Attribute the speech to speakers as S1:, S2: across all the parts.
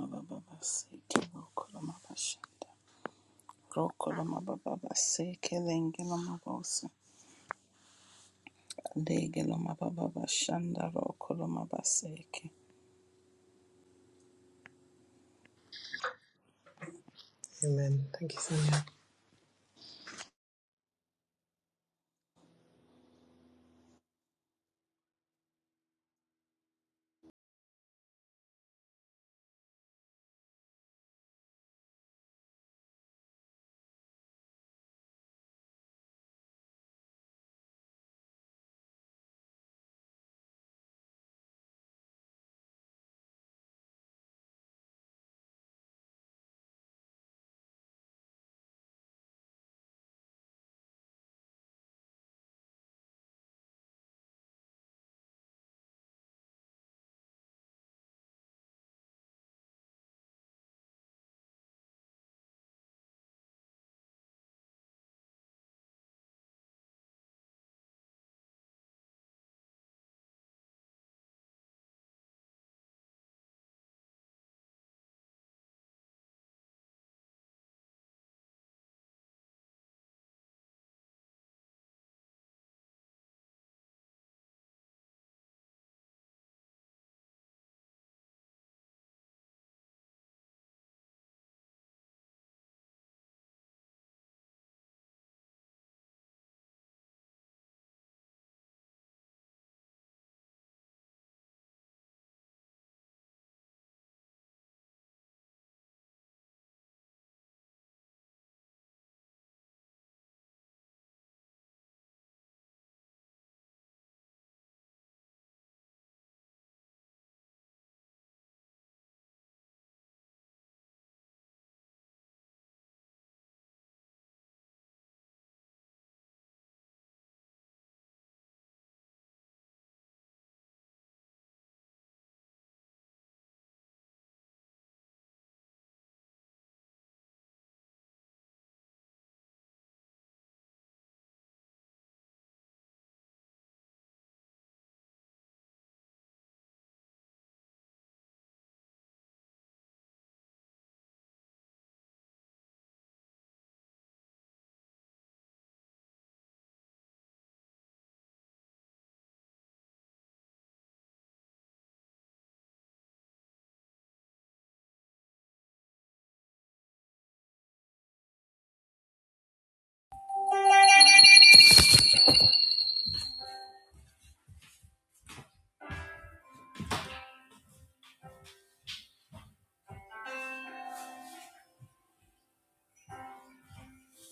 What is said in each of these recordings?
S1: Mababa seke rokolo mabasha. Rokolo mababa seke Mabababaseke rokolomabasha rokolomabababaseke shanda legelomabababashanda rokolomabaseke
S2: Amen. Thank you, Sonia.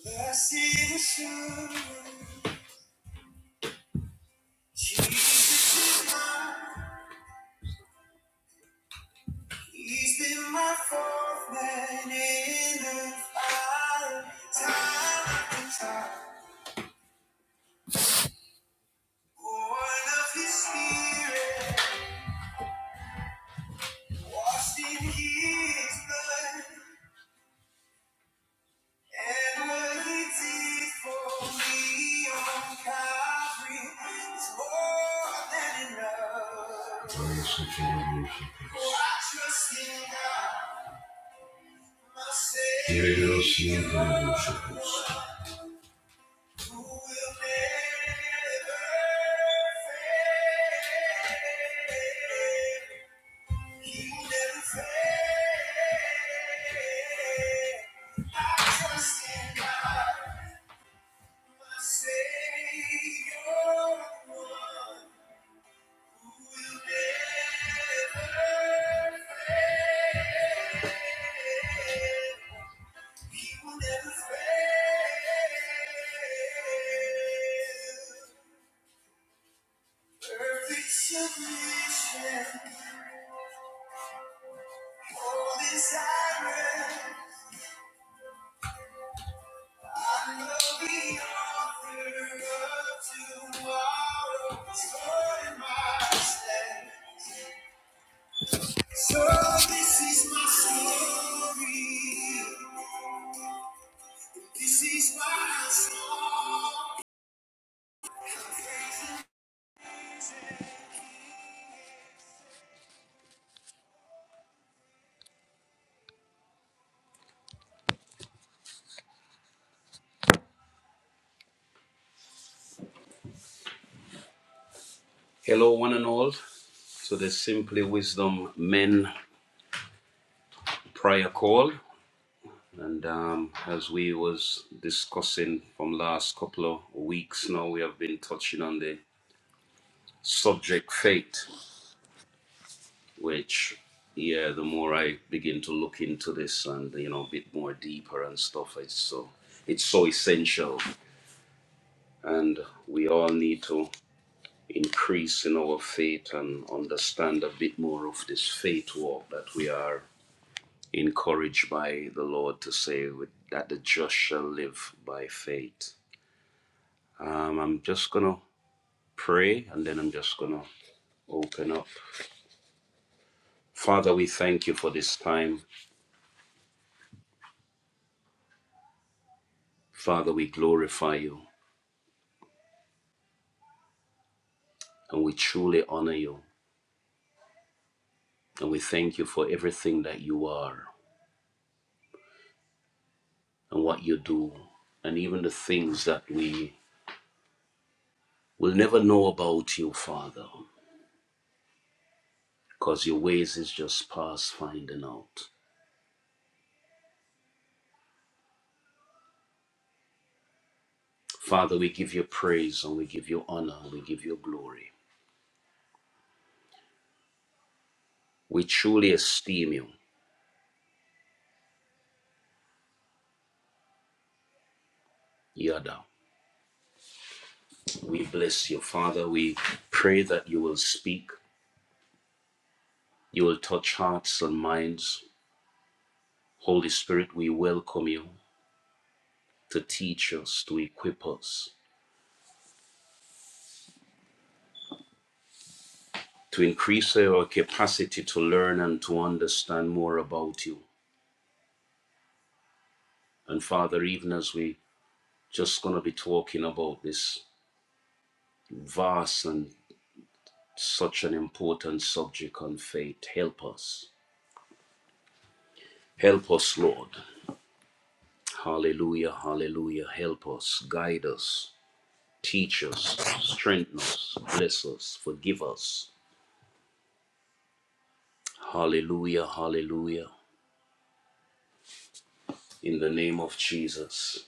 S3: Blessed assurance, Jesus is mine. He's been my fourth man in the fire, time after time. Born of His Spirit, washed in His blood, and what He did for me on Calvary is more than enough. I trust in God. Who will never fail. He will never fail. Perfect submission, all desire. I know the author of tomorrow is Lord my stead. So this is my story. This is my song. Hello, one and all, to the Simply Wisdom Men prayer call. And um, as we was discussing from last couple of weeks now, we have been touching on the subject faith, which, yeah, the more I begin to look into this and, you know, a bit more deeper and stuff, it's so, it's so essential. And we all need to increase in our faith and understand a bit more of this faith walk that we are encouraged by the Lord to say with- that the just shall live by faith. Um, I'm just going to pray and then I'm just going to open up. Father, we thank you for this time. Father, we glorify you and we truly honor you. And we thank you for everything that you are and what you do and even the things that we will never know about you, Father, because your ways is just past finding out. Father, we give you praise and we give you honor and we give you glory. We truly esteem you, Yada. We bless you, Father. We pray that you will speak, you will touch hearts and minds. Holy Spirit, we welcome you to teach us, to equip us, to increase our capacity to learn and to understand more about you. And Father, even as we just going to be talking about this vast and such an important subject on faith, help us. Help us, Lord. Hallelujah, hallelujah. Help us, guide us, teach us, strengthen us, bless us, forgive us. Hallelujah, hallelujah. In the name of Jesus.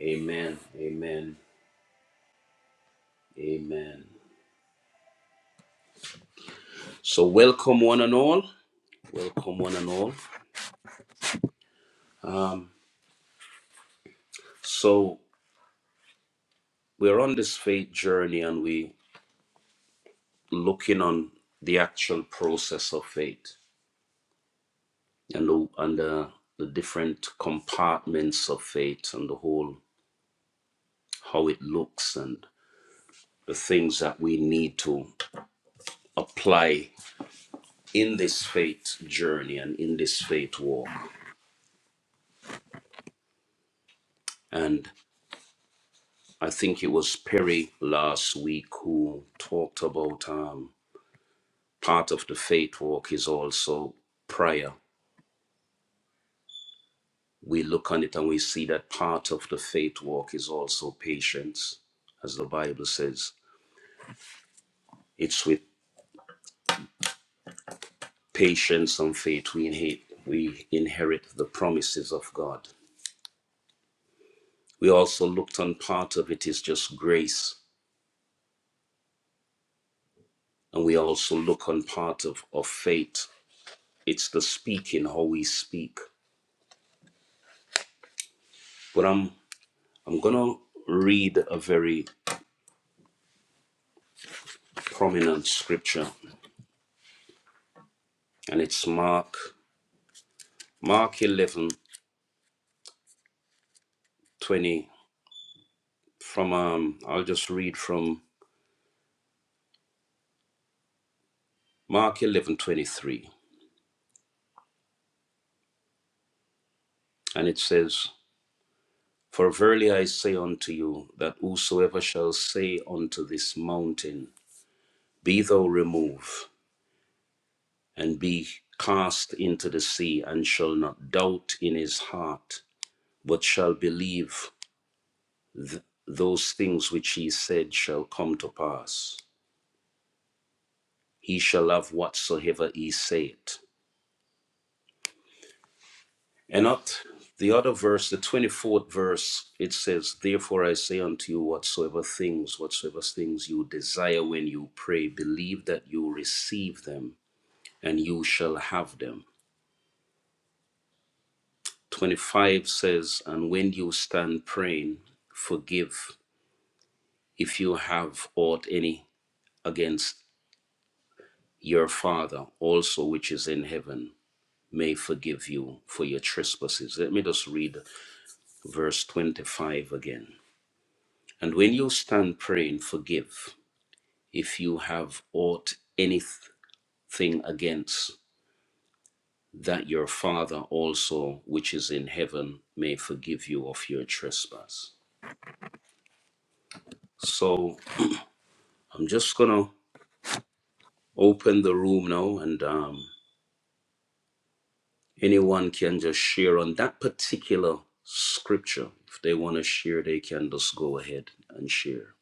S3: Amen, amen, amen. So, welcome one and all. Welcome one and all. Um, so, we're on this faith journey and we're looking on the actual process of faith and the, and the, the different compartments of faith and the whole how it looks and the things that we need to apply in this faith journey and in this faith walk. And I think it was Perry last week who talked about um, part of the faith walk is also prayer. We look on it and we see that part of the faith walk is also patience, as the Bible says. It's with patience and faith we inherit, we inherit the promises of God. We also looked on part of it is just grace, and we also look on part of, of faith. It's the speaking, how we speak. But I'm I'm gonna read a very prominent scripture, and it's Mark Mark eleven twenty from um I'll just read from Mark eleven twenty three, and it says, For verily I say unto you that whosoever shall say unto this mountain, Be thou removed and be cast into the sea, and shall not doubt in his heart, but shall believe those things which he said shall come to pass. He shall have whatsoever he saith. And not the other verse, the 24th verse, it says, Therefore I say unto you, whatsoever things, whatsoever things you desire when you pray, believe that you receive them, and you shall have them. 25 says, And when you stand praying, forgive. if you have aught any against your father also which is in heaven may forgive you for your trespasses let me just read verse 25 again and when you stand praying forgive if you have aught anything against that your father also which is in heaven may forgive you of your trespass so i'm just gonna open the room now and um Anyone can just share on that particular scripture. If they want to share, they can just go ahead and share.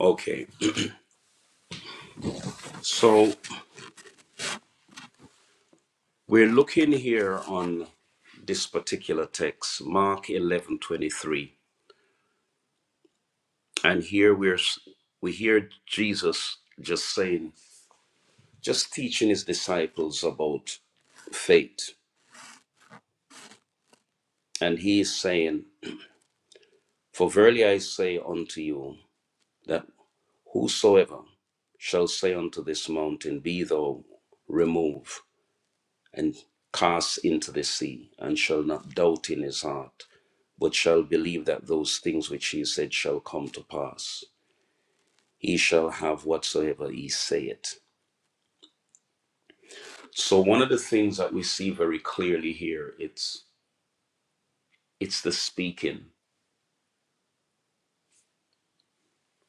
S3: Okay, so we're looking here on this particular text, Mark eleven twenty three, And here we're, we hear Jesus just saying, just teaching his disciples about faith. And he is saying, For verily I say unto you, that Whosoever shall say unto this mountain, Be thou removed and cast into the sea, and shall not doubt in his heart, but shall believe that those things which he said shall come to pass, he shall have whatsoever he saith. So one of the things that we see very clearly here, it's it's the speaking.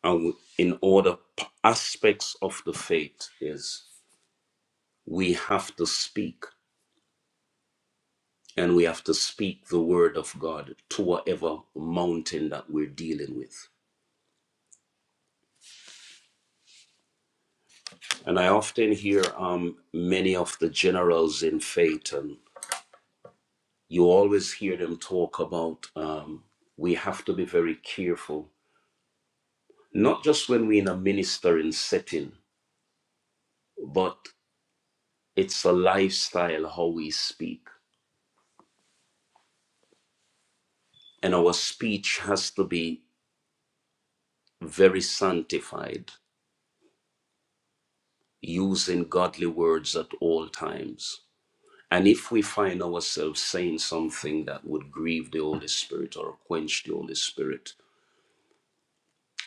S3: And in order aspects of the faith is we have to speak And we have to speak the word of God to whatever mountain that we're dealing with. And I often hear um, many of the generals in faith, and you always hear them talk about um, we have to be very careful, not just when we're in a ministering setting, but it's a lifestyle how we speak. And our speech has to be very sanctified, using godly words at all times And if we find ourselves saying something that would grieve the Holy Spirit or quench the Holy Spirit,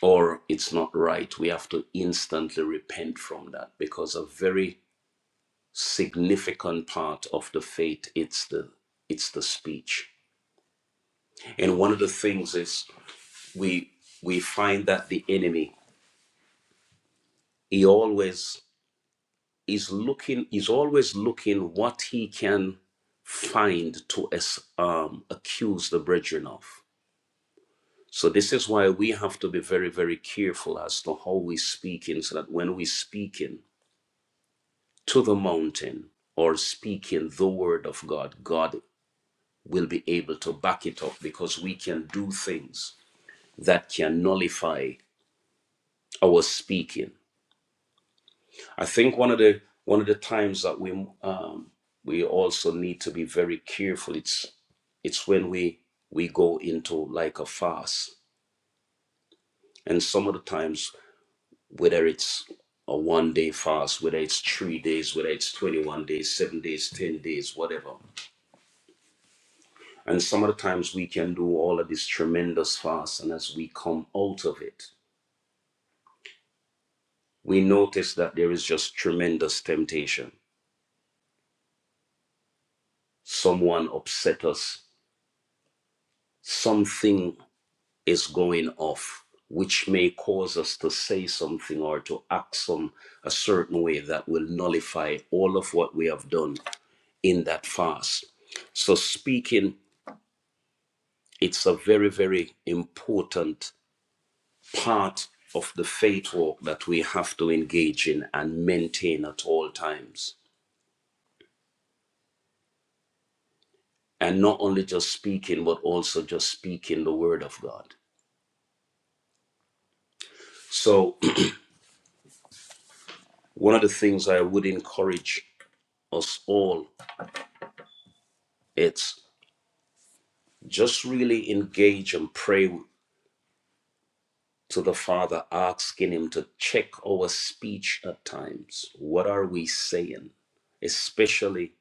S3: or it's not right, we have to instantly repent from that because a very significant part of the faith it's the it's the speech. And one of the things is we we find that the enemy he always is looking is always looking what he can find to um, accuse the brethren of So this is why we have to be very, very careful as to how we speak in so that when we speak in to the mountain or speaking the word of God, God will be able to back it up because we can do things that can nullify our speaking. I think one of the one of the times that we um, we also need to be very careful. It's it's when we we go into like a fast, and some of the times whether it's a one day fast, whether it's three days, whether it's 21 days, seven days, 10 days, whatever. And some of the times we can do all of this tremendous fast, and as we come out of it, we notice that there is just tremendous temptation. Someone upset us, something is going off, which may cause us to say something or to act some a certain way that will nullify all of what we have done in that fast. So speaking it's a very, very important part of the faith walk that we have to engage in and maintain at all times. And not only just speaking, but also just speaking the word of God. So, one of the things I would encourage us all it's just really engage and pray to the Father, asking Him to check our speech at times. What are we saying? Especially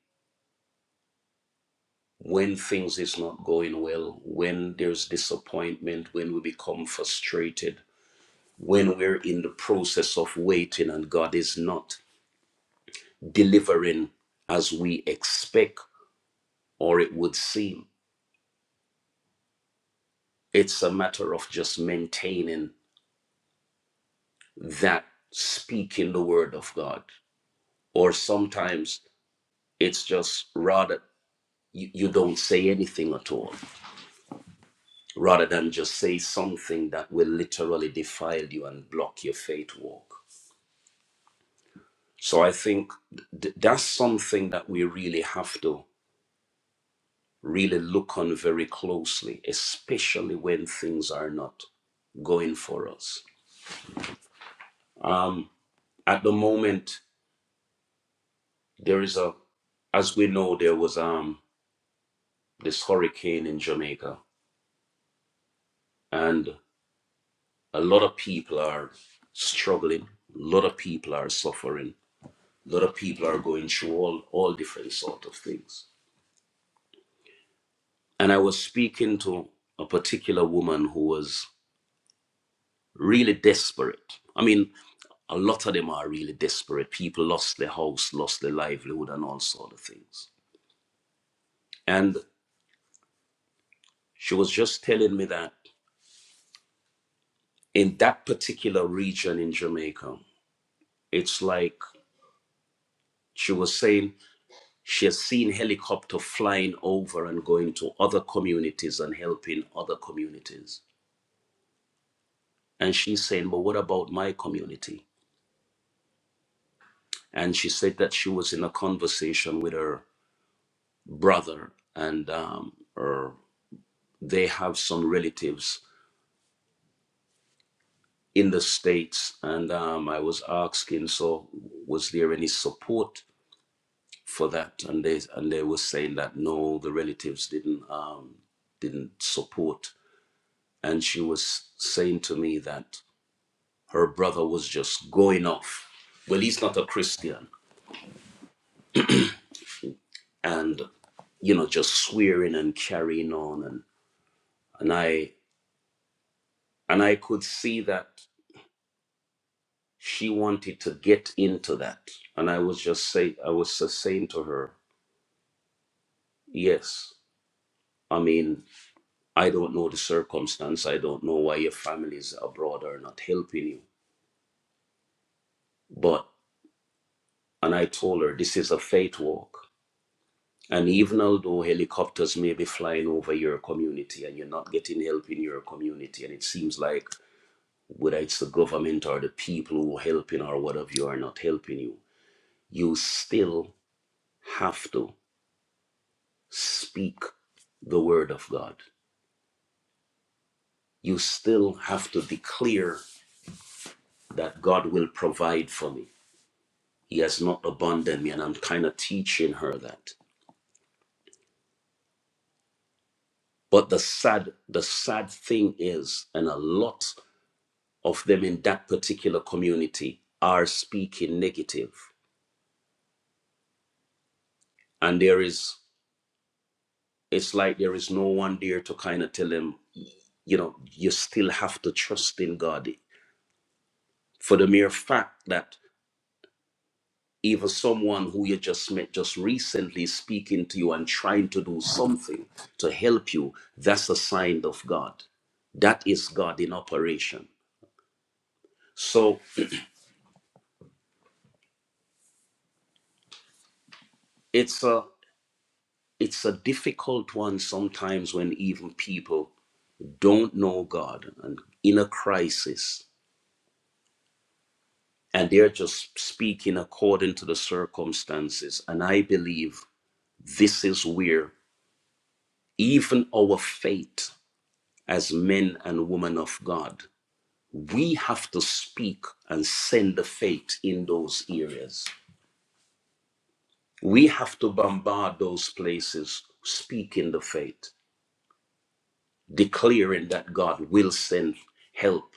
S3: when things is not going well, when there's disappointment, when we become frustrated, when we're in the process of waiting and God is not delivering as we expect or it would seem. It's a matter of just maintaining that speaking the word of God. Or sometimes it's just rather you, you don't say anything at all, rather than just say something that will literally defile you and block your faith walk So I think th- that's something that we really have to really look on very closely, especially when things are not going for us. Um, at the moment, there is a, as we know, there was um, this hurricane in Jamaica, and a lot of people are struggling. A lot of people are suffering. A lot of people are going through all all different sort of things. And I was speaking to a particular woman who was really desperate. I mean, a lot of them are really desperate. People lost their house, lost their livelihood, and all sort of things. And she was just telling me that in that particular region in Jamaica, it's like she was saying she has seen helicopter flying over and going to other communities and helping other communities. And she's saying, But what about my community? And she said that she was in a conversation with her brother and um, her they have some relatives in the states and um, i was asking so was there any support for that and they and they were saying that no the relatives didn't um, didn't support and she was saying to me that her brother was just going off well he's not a christian and you know just swearing and carrying on and and i and i could see that she wanted to get into that and i was just say i was just saying to her yes i mean i don't know the circumstance i don't know why your families abroad are not helping you but and i told her this is a faith walk and even although helicopters may be flying over your community and you're not getting help in your community and it seems like whether it's the government or the people who are helping or whatever you are not helping you you still have to speak the word of God. You still have to declare that God will provide for me. He has not abandoned me, and I'm kind of teaching her that. But the sad, the sad thing is, and a lot of them in that particular community are speaking negative, and there is, it's like there is no one there to kind of tell them, you know, you still have to trust in God. For the mere fact that even someone who you just met just recently speaking to you and trying to do something to help you, that's a sign of God. That is God in operation. So it's a it's a difficult one sometimes when even people don't know God and in a crisis and they're just speaking according to the circumstances. And I believe this is where even our faith as men and women of God. we have to speak and send the faith in those areas. We have to bombard those places, speaking the faith, declaring that God will send help.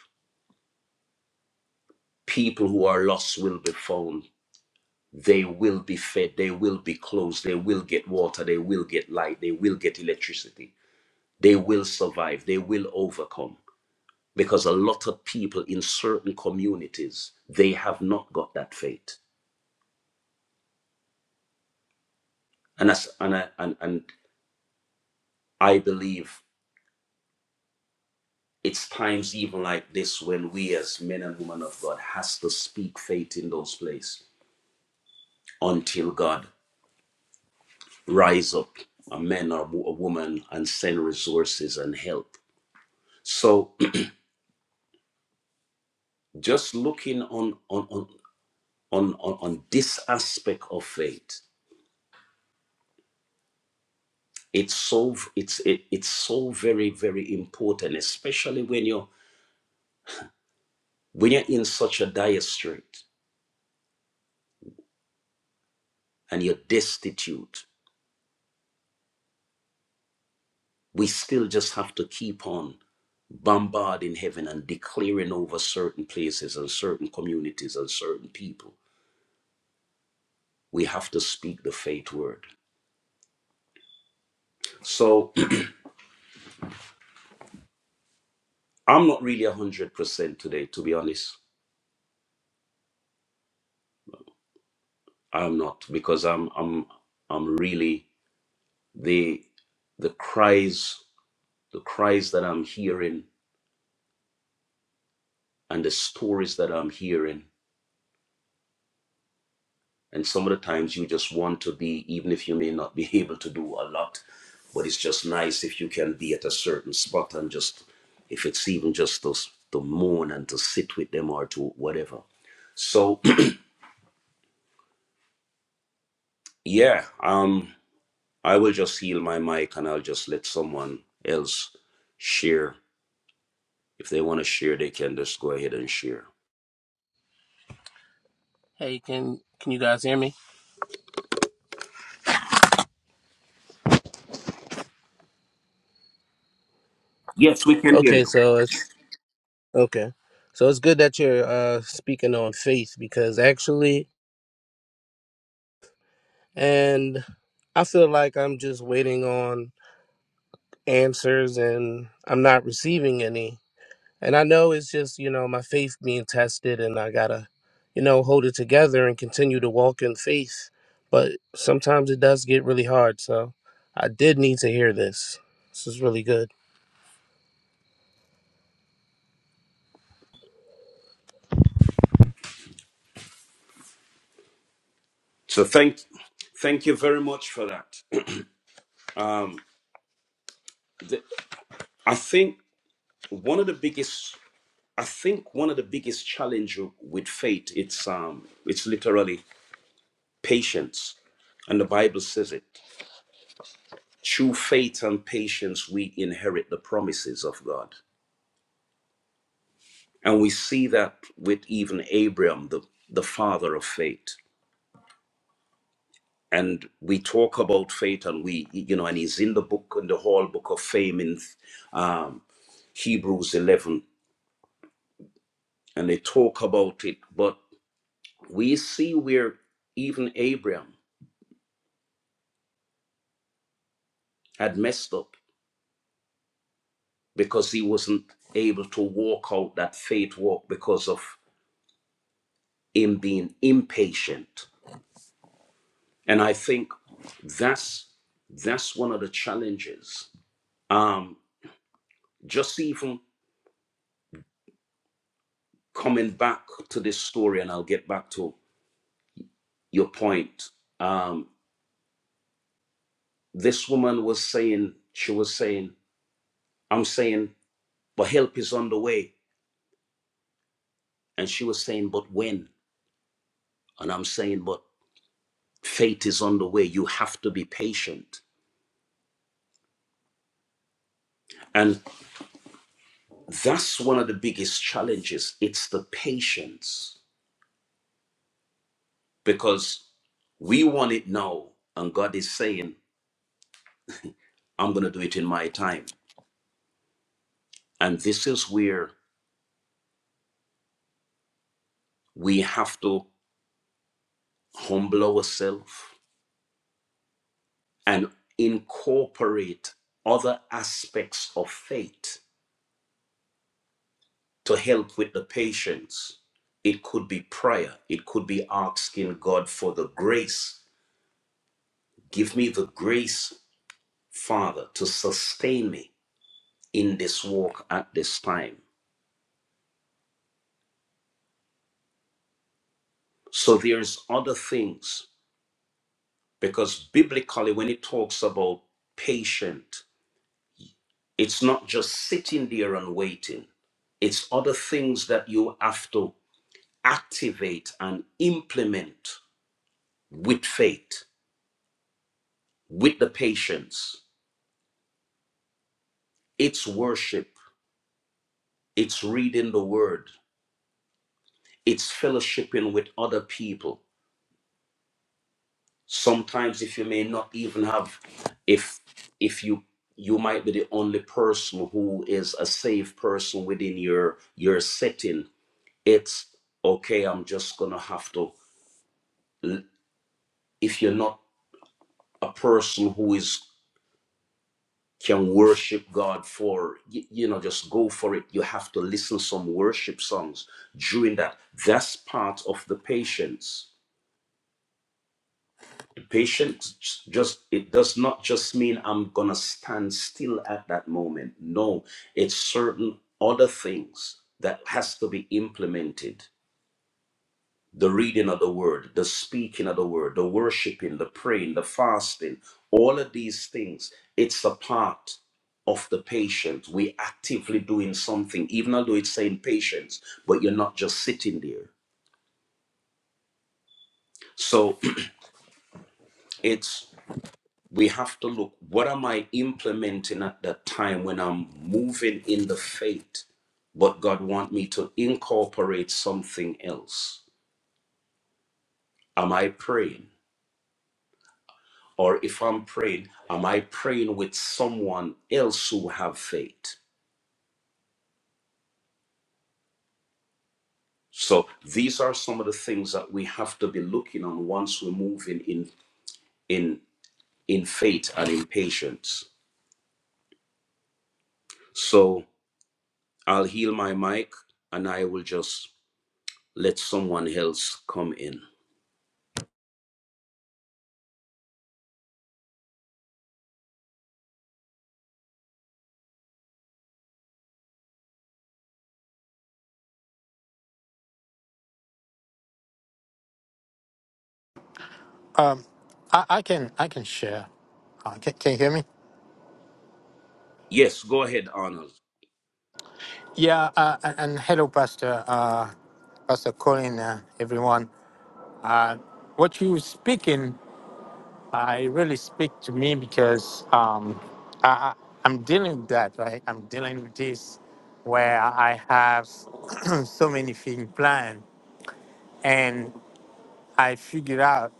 S3: People who are lost will be found. They will be fed. They will be clothed. They will get water. They will get light. They will get electricity. They will survive. They will overcome. Because a lot of people in certain communities, they have not got that faith and that's and I, and and I believe it's times even like this when we as men and women of God has to speak faith in those places until God rise up a man or a woman and send resources and help. So just looking on on on on, on, on this aspect of faith, it's so it's it, it's so very very important, especially when you're when you're in such a dire strait and you're destitute. We still just have to keep on. bombarding heaven and declaring over certain places and certain communities and certain people. We have to speak the faith word. So I'm not really one hundred percent today, to be honest. I'm not because I'm I'm I'm really the the cries the cries that I'm hearing and the stories that I'm hearing. And some of the times you just want to be, even if you may not be able to do a lot, but it's just nice if you can be at a certain spot and just, if it's even just to, s- to moan and to sit with them or to whatever. So, yeah, um, I will just heal my mic and I'll just let someone else share. If they want to share, they can just go ahead and share.
S4: Hey, can can you guys hear me?
S3: Yes, we can hear
S4: Okay,
S3: you.
S4: so it's okay. So it's good that you're uh speaking on faith because actually and I feel like I'm just waiting on answers and I'm not receiving any. And I know it's just, you know, my faith being tested and I got to you know, hold it together and continue to walk in faith. But sometimes it does get really hard, so I did need to hear this. This is really good.
S3: So thank thank you very much for that. Um, th- I think one of the biggest I think one of the biggest challenge with faith it's um it's literally patience, and the Bible says it. Through faith and patience, we inherit the promises of God, and we see that with even Abraham, the the father of faith. And we talk about faith, and we you know, and he's in the book in the whole book of fame in um, Hebrews eleven, and they talk about it, but we see where even Abraham had messed up because he wasn't able to walk out that faith walk because of him being impatient. And I think that's that's one of the challenges. Um, just even coming back to this story, and I'll get back to your point. Um, this woman was saying, she was saying, I'm saying, but help is on the way. And she was saying, but when? And I'm saying, but faith is on the way. You have to be patient. and. That's one of the biggest challenges. It's the patience because we want it now, and God is saying, I'm going to do it in my time. And this is where we have to humble ourselves and incorporate other aspects of faith to help with the patience. It could be prayer, it could be asking God for the grace. Give me the grace, Father, to sustain me in this walk at this time. So there's other things because biblically when it talks about patient, it's not just sitting there and waiting. It's other things that you have to activate and implement with faith, with the patience. It's worship, it's reading the word, it's fellowshipping with other people sometimes if you may not even have if if you you might be the only person who is a safe person within your your setting it's okay i'm just gonna have to if you're not a person who is can worship god for you, you know just go for it you have to listen some worship songs during that that's part of the patience Patience just it does not just mean I'm gonna stand still at that moment. No, it's certain other things that has to be implemented. The reading of the word, the speaking of the word, the worshiping, the praying, the fasting, all of these things, it's a part of the patience. We actively doing something, even although it's saying patience, but you're not just sitting there. So it's we have to look what am i implementing at that time when i'm moving in the faith but god want me to incorporate something else am i praying or if i'm praying am i praying with someone else who have faith so these are some of the things that we have to be looking on once we're moving in in in faith and in patience so i'll heal my mic and i will just let someone else come in
S5: Um, I, I can I can share. Uh, can, can you hear me?
S3: Yes, go ahead, Arnold.
S5: Yeah, uh, and, and hello, Pastor uh, Pastor Colin, uh, everyone. Uh, what you speaking, I really speak to me because um, I, I- I'm dealing with that, right? I'm dealing with this where I have so many things planned, and I figured out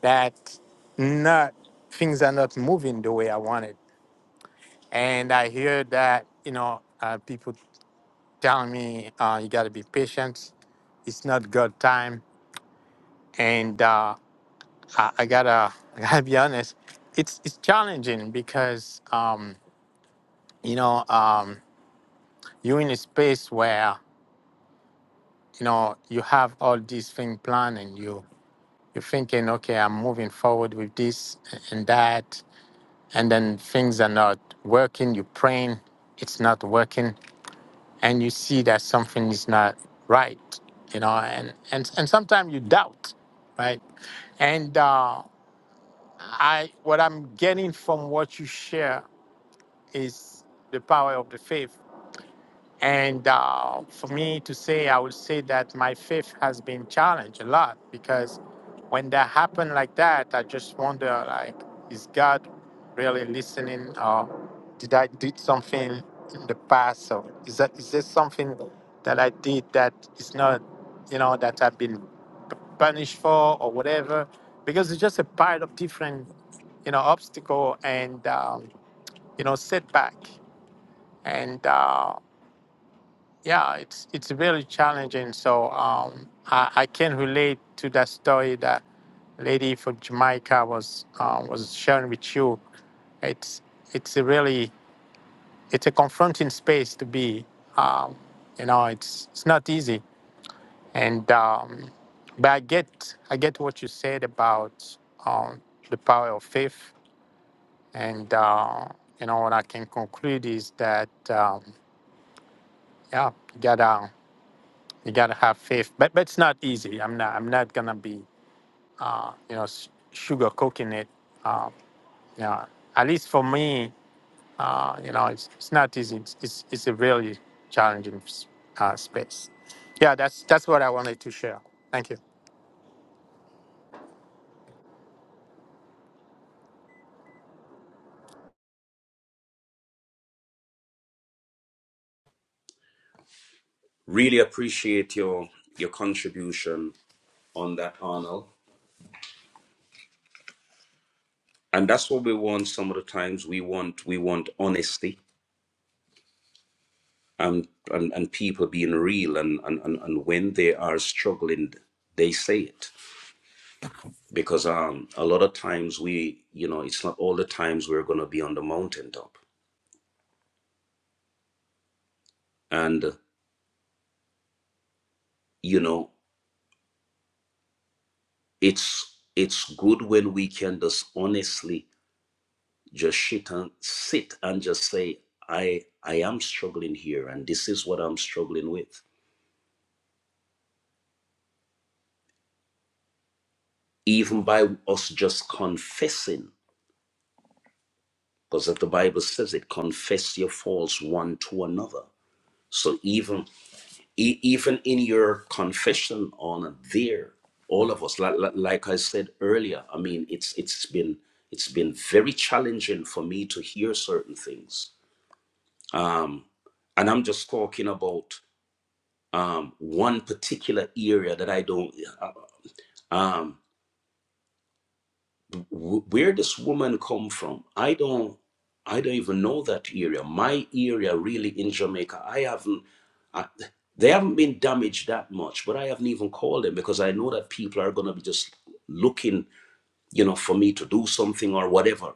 S5: that not things are not moving the way I wanted. And I hear that you know uh, people telling me uh, you got to be patient. It's not good time, and uh, I, I gotta I gotta be honest. It's it's challenging because um, you know um, you're in a space where you know you have all these things planned, and you you're thinking, okay, I'm moving forward with this and that, and then things are not working. You're praying, it's not working, and you see that something is not right, you know, and and and sometimes you doubt right? And uh, I, what I'm getting from what you share is the power of the faith. And uh, for me to say, I would say that my faith has been challenged a lot because when that happened like that, I just wonder, like, is God really listening, or did I did something in the past, or is that is there something that I did that is not, you know, that I've been punished for or whatever? Because it's just a pile of different you know, obstacle and um, you know setback. And uh, yeah, it's it's really challenging. So um, I, I can relate to that story that lady from Jamaica was uh, was sharing with you. It's it's a really it's a confronting space to be. Um, you know, it's it's not easy. And um, but I get I get what you said about um, the power of faith And uh, you know what I can conclude is that um, yeah, you gotta you gotta have faith, but but it's not easy. I'm not I'm not gonna be you know s- sugarcoating it. Uh, yeah, at least for me, uh, you know, it's, it's not easy. It's, it's it's a really challenging s- uh, space. Yeah, that's that's what I wanted to share. Thank you.
S3: Really appreciate your your contribution on that, Arnold. And that's what we want some of the times. We want we want honesty and and, and people being real and, and, and, and when they are struggling, they say it. Because um a lot of times we you know, it's not all the times we're gonna be on the mountaintop. And you know, it's it's good when we can just honestly just sit and sit and just say i i am struggling here and this is what i'm struggling with even by us just confessing because the bible says it confess your faults one to another so even e- even in your confession on there all of us like, like i said earlier i mean it's it's been it's been very challenging for me to hear certain things um and i'm just talking about um, one particular area that I don't. uh, Um, where this woman come from? I don't. I don't even know that area. My area, really, in Jamaica, I haven't. I, they haven't been damaged that much, but I haven't even called them because I know that people are gonna be just looking, you know, for me to do something or whatever,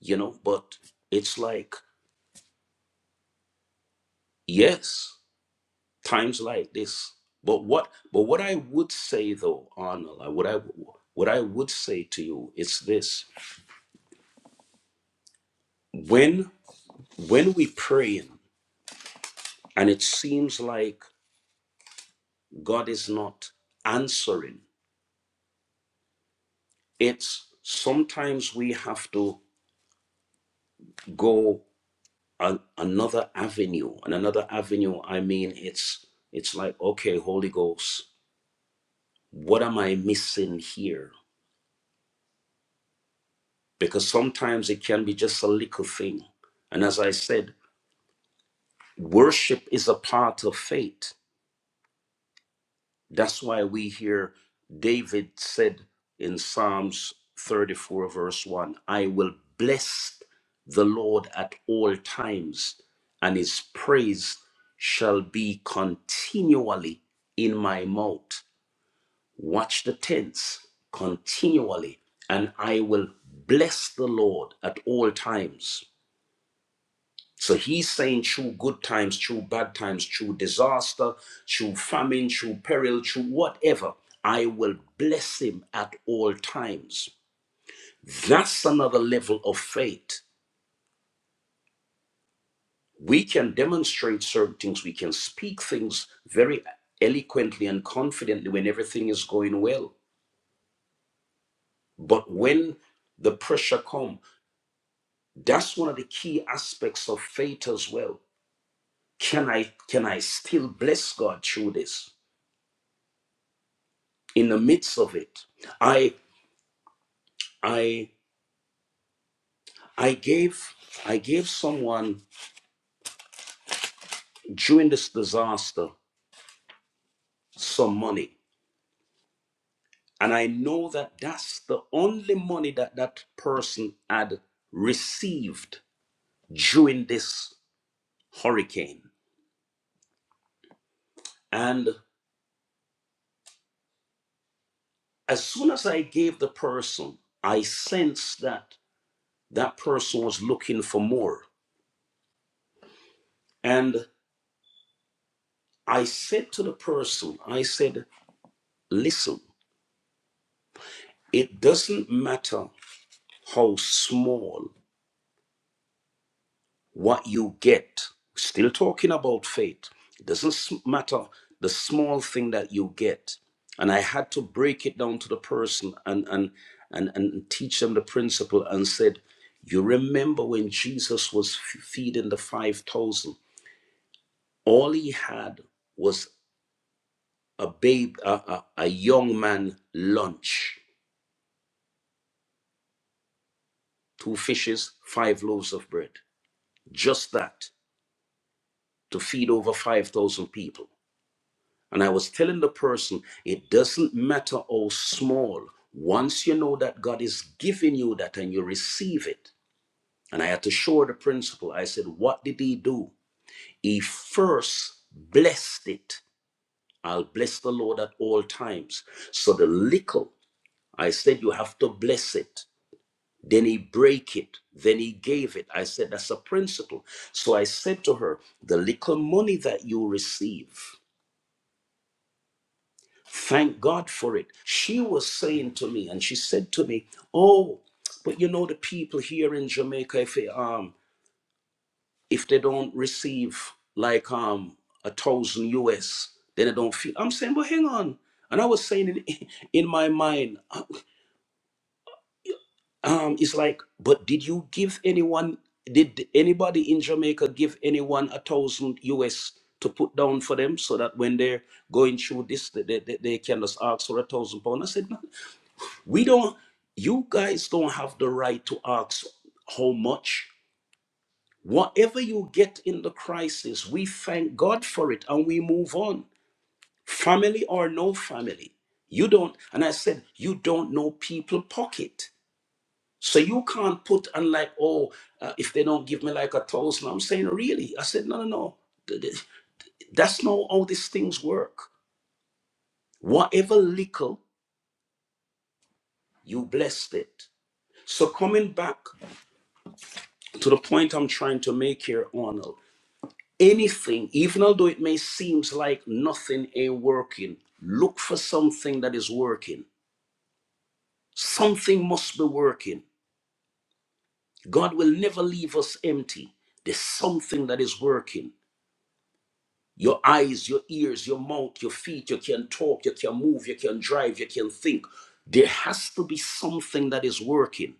S3: you know. But it's like, yes. times like this. But what but what I would say though, Arnold, what I what I would say to you is this. When when we pray and it seems like God is not answering, it's sometimes we have to go an, another avenue. And another avenue, I mean it's it's like, okay, Holy Ghost, what am I missing here? Because sometimes it can be just a little thing. And as I said, Worship is a part of faith. That's why we hear David said in Psalms 34, verse 1 I will bless the Lord at all times, and his praise shall be continually in my mouth. Watch the tense continually, and I will bless the Lord at all times. So he's saying through good times, through bad times, through disaster, through famine, through peril, through whatever, I will bless him at all times. That's another level of faith. We can demonstrate certain things, we can speak things very eloquently and confidently when everything is going well. But when the pressure comes, that's one of the key aspects of faith as well. Can I can I still bless God through this? in the midst of it i i i gave i gave someone during this disaster some money and i know that that's the only money that that person had received during this hurricane and as soon as i gave the person i sensed that that person was looking for more and i said to the person i said listen it doesn't matter how small what you get. Still talking about faith. It doesn't s- matter the small thing that you get. And I had to break it down to the person and and and, and teach them the principle and said, you remember when Jesus was f- feeding the five thousand? All he had was a babe, a, a, a young man lunch, two fishes, five loaves of bread, just that to feed over five thousand people And I was telling the person, it doesn't matter how small. Once you know that God is giving you that and you receive it. And I had to show the principle. I said, What did he do? He first blessed it. I'll bless the Lord at all times. So the little, I said, You have to bless it. Then he break it. Then he gave it. I said, That's a principle. So I said to her, The little money that you receive. Thank God for it. She was saying to me, and she said to me, "Oh, but you know the people here in Jamaica, if they um if they don't receive like um a thousand US, then they don't feel." I'm saying, "But hang on." And I was saying in, in my mind, um, it's like, but did you give anyone? Did anybody in Jamaica give anyone a thousand US to put down for them so that when they're going through this, they, they, they can just ask for a thousand pound? I said, no, We don't, you guys don't have the right to ask how much. Whatever you get in the crisis, we thank God for it and we move on. Family or no family. You don't, and I said, you don't know people pocket. So you can't put and like, oh, uh, if they don't give me like a thousand, I'm saying, really? I said, no, no, no. Th- th- That's not how these things work. Whatever little, you blessed it. So coming back to the point I'm trying to make here, Arnold, anything, even although it may seems like nothing ain't working, look for something that is working. Something must be working. God will never leave us empty. There's something that is working. Your eyes, your ears, your mouth, your feet, you can talk, you can move, you can drive, you can think. There has to be something that is working.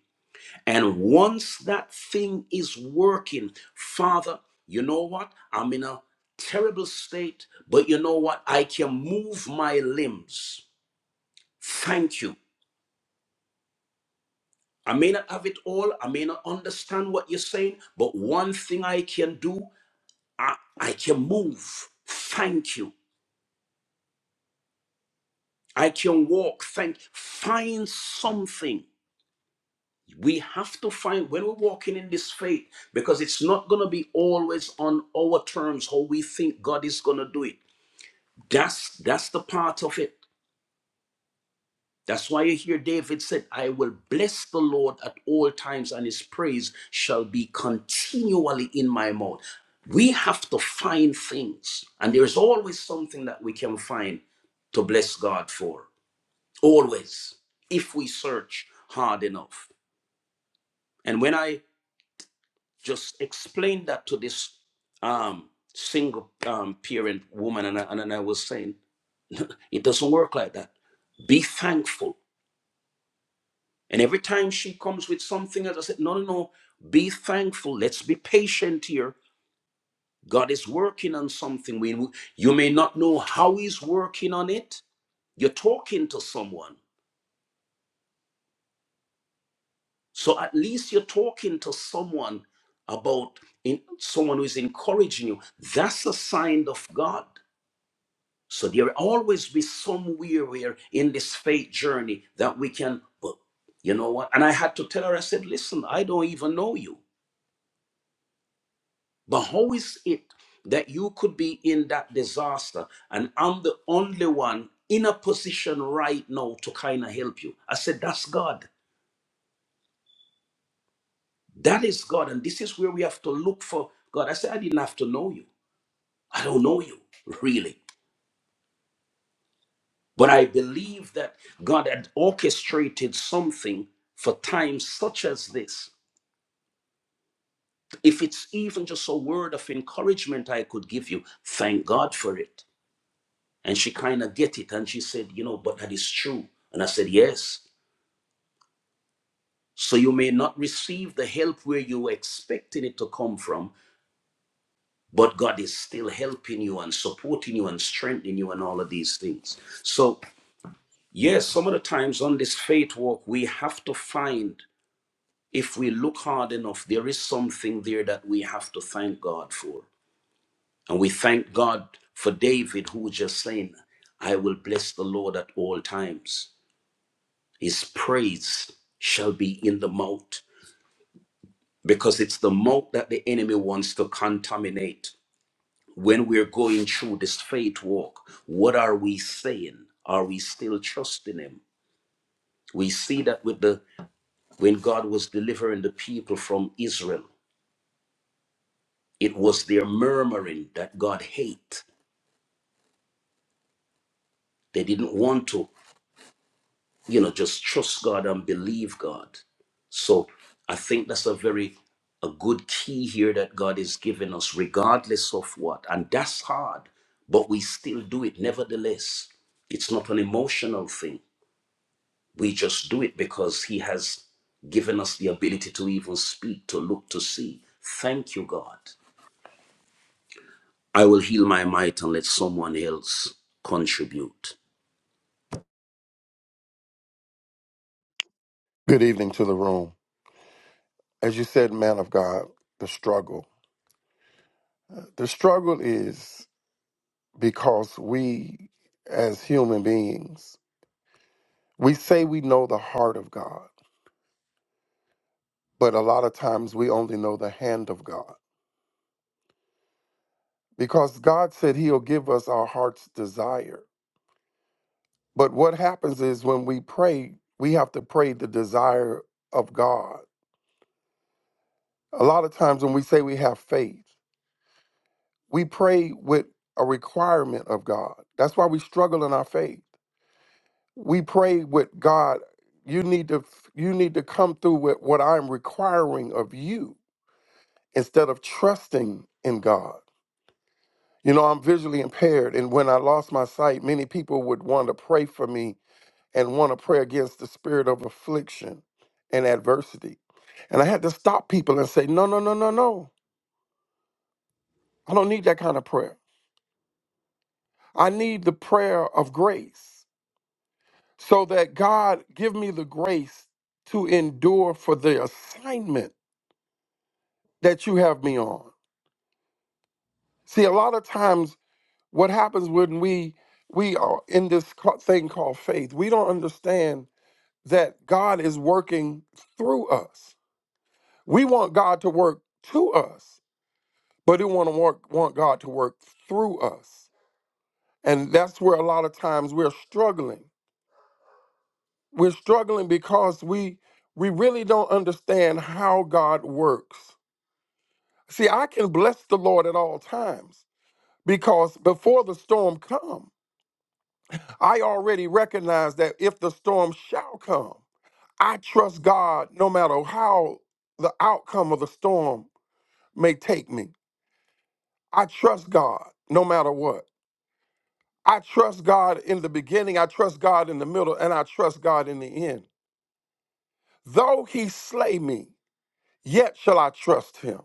S3: And once that thing is working, Father, you know what? I'm in a terrible state, but you know what? I can move my limbs. Thank you. I may not have it all, I may not understand what you're saying, but one thing I can do, I, I can move. Thank you. I can walk. Thank. Find something We have to find when we're walking in this faith because it's not going to be always on our terms how we think God is going to do it. That's that's the part of it. That's why you hear David said, "I will bless the Lord at all times, and His praise shall be continually in my mouth." We have to find things, and there is always something that we can find to bless God for. Always, if we search hard enough. And when I Just explain that to this um, single um, parent woman. And I, and I was saying, it doesn't work like that. Be thankful. And every time she comes with something else, I said, no, no, no, be thankful. Let's be patient here. God is working on something. We, you may not know how He's working on it. You're talking to someone. So at least you're talking to someone about in, someone who is encouraging you. That's a sign of God. So there will always be somewhere where in this faith journey that we can, but you know what? And I had to tell her, I said, listen, I don't even know you. But how is it that you could be in that disaster and I'm the only one in a position right now to kind of help you? I said, that's God. That is God. And this is where we have to look for God. I said, I didn't have to know you. I don't know you, really. But I believe that God had orchestrated something for times such as this. If it's even just a word of encouragement I could give you, thank God for it. And she kind of get it and she said, you know, but that is true. And I said, yes. So you may not receive the help where you were expecting it to come from, but God is still helping you and supporting you and strengthening you and all of these things. So, yes, some of the times on this faith walk, we have to find if we look hard enough, there is something there that we have to thank God for. And we thank God for David, who just saying, I will bless the Lord at all times. His praise shall be in the mouth, because it's the mouth that the enemy wants to contaminate. When we're going through this faith walk, what are we saying? Are we still trusting Him? We see that with the when God was delivering the people from Israel, It was their murmuring that God hate. They didn't want to, you know, just trust God and believe God. So I think that's a very a good key here that God is giving us, regardless of what. And that's hard, but we still do it nevertheless. It's not an emotional thing. We just do it because He has given us the ability to even speak, to look, to see. Thank you, God. I will heal my might and let someone else contribute.
S6: Good evening to the room. As you said, man of God, the struggle. Uh, The struggle is because we, as human beings, we say we know the heart of God, but a lot of times we only know the hand of God because God said He'll give us our heart's desire. But what happens is when we pray, we have to pray the desire of God. A lot of times when we say we have faith, we pray with a requirement of God. That's why we struggle in our faith we pray with God, you need to you need to come through with what I'm requiring of you instead of trusting in God. You know, I'm visually impaired and when I lost my sight, many people would want to pray for me and want to pray against the spirit of affliction and adversity. And I had to stop people and say, "No, no, no, no, no. I don't need that kind of prayer. I need the prayer of grace so that God give me the grace to endure for the assignment that you have me on. See, a lot of times what happens when we we are in this ca- thing called faith, we don't understand that God is working through us. We want God to work to us, but we want to work, want God to work through us. And that's where a lot of times we're struggling. We're struggling because we we really don't understand how God works. See, I can bless the Lord at all times because before the storm comes, I already recognize that if the storm shall come, I trust God no matter how the outcome of the storm may take me. I trust God no matter what. I trust God in the beginning, I trust God in the middle, and I trust God in the end. Though he slay me, yet shall I trust him.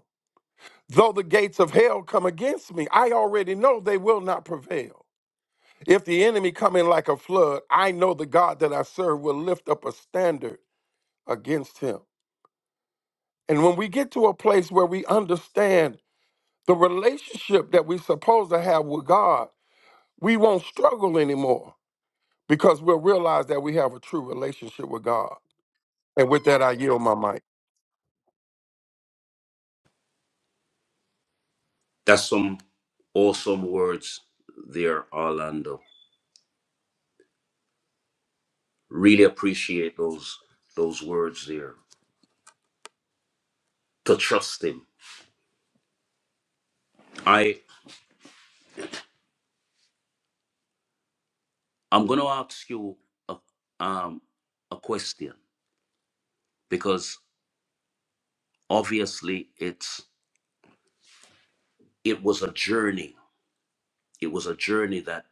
S6: Though the gates of hell come against me, I already know they will not prevail. If the enemy come in like a flood, I know the God that I serve will lift up a standard against him. And when we get to a place where we understand the relationship that we're supposed to have with God, we won't struggle anymore because we'll realize that we have a true relationship with God. And with that, I yield my mic.
S3: That's some awesome words there, Orlando. Really appreciate those those words there. To trust him. I I'm gonna ask you a um a question because obviously it's it was a journey. It was a journey that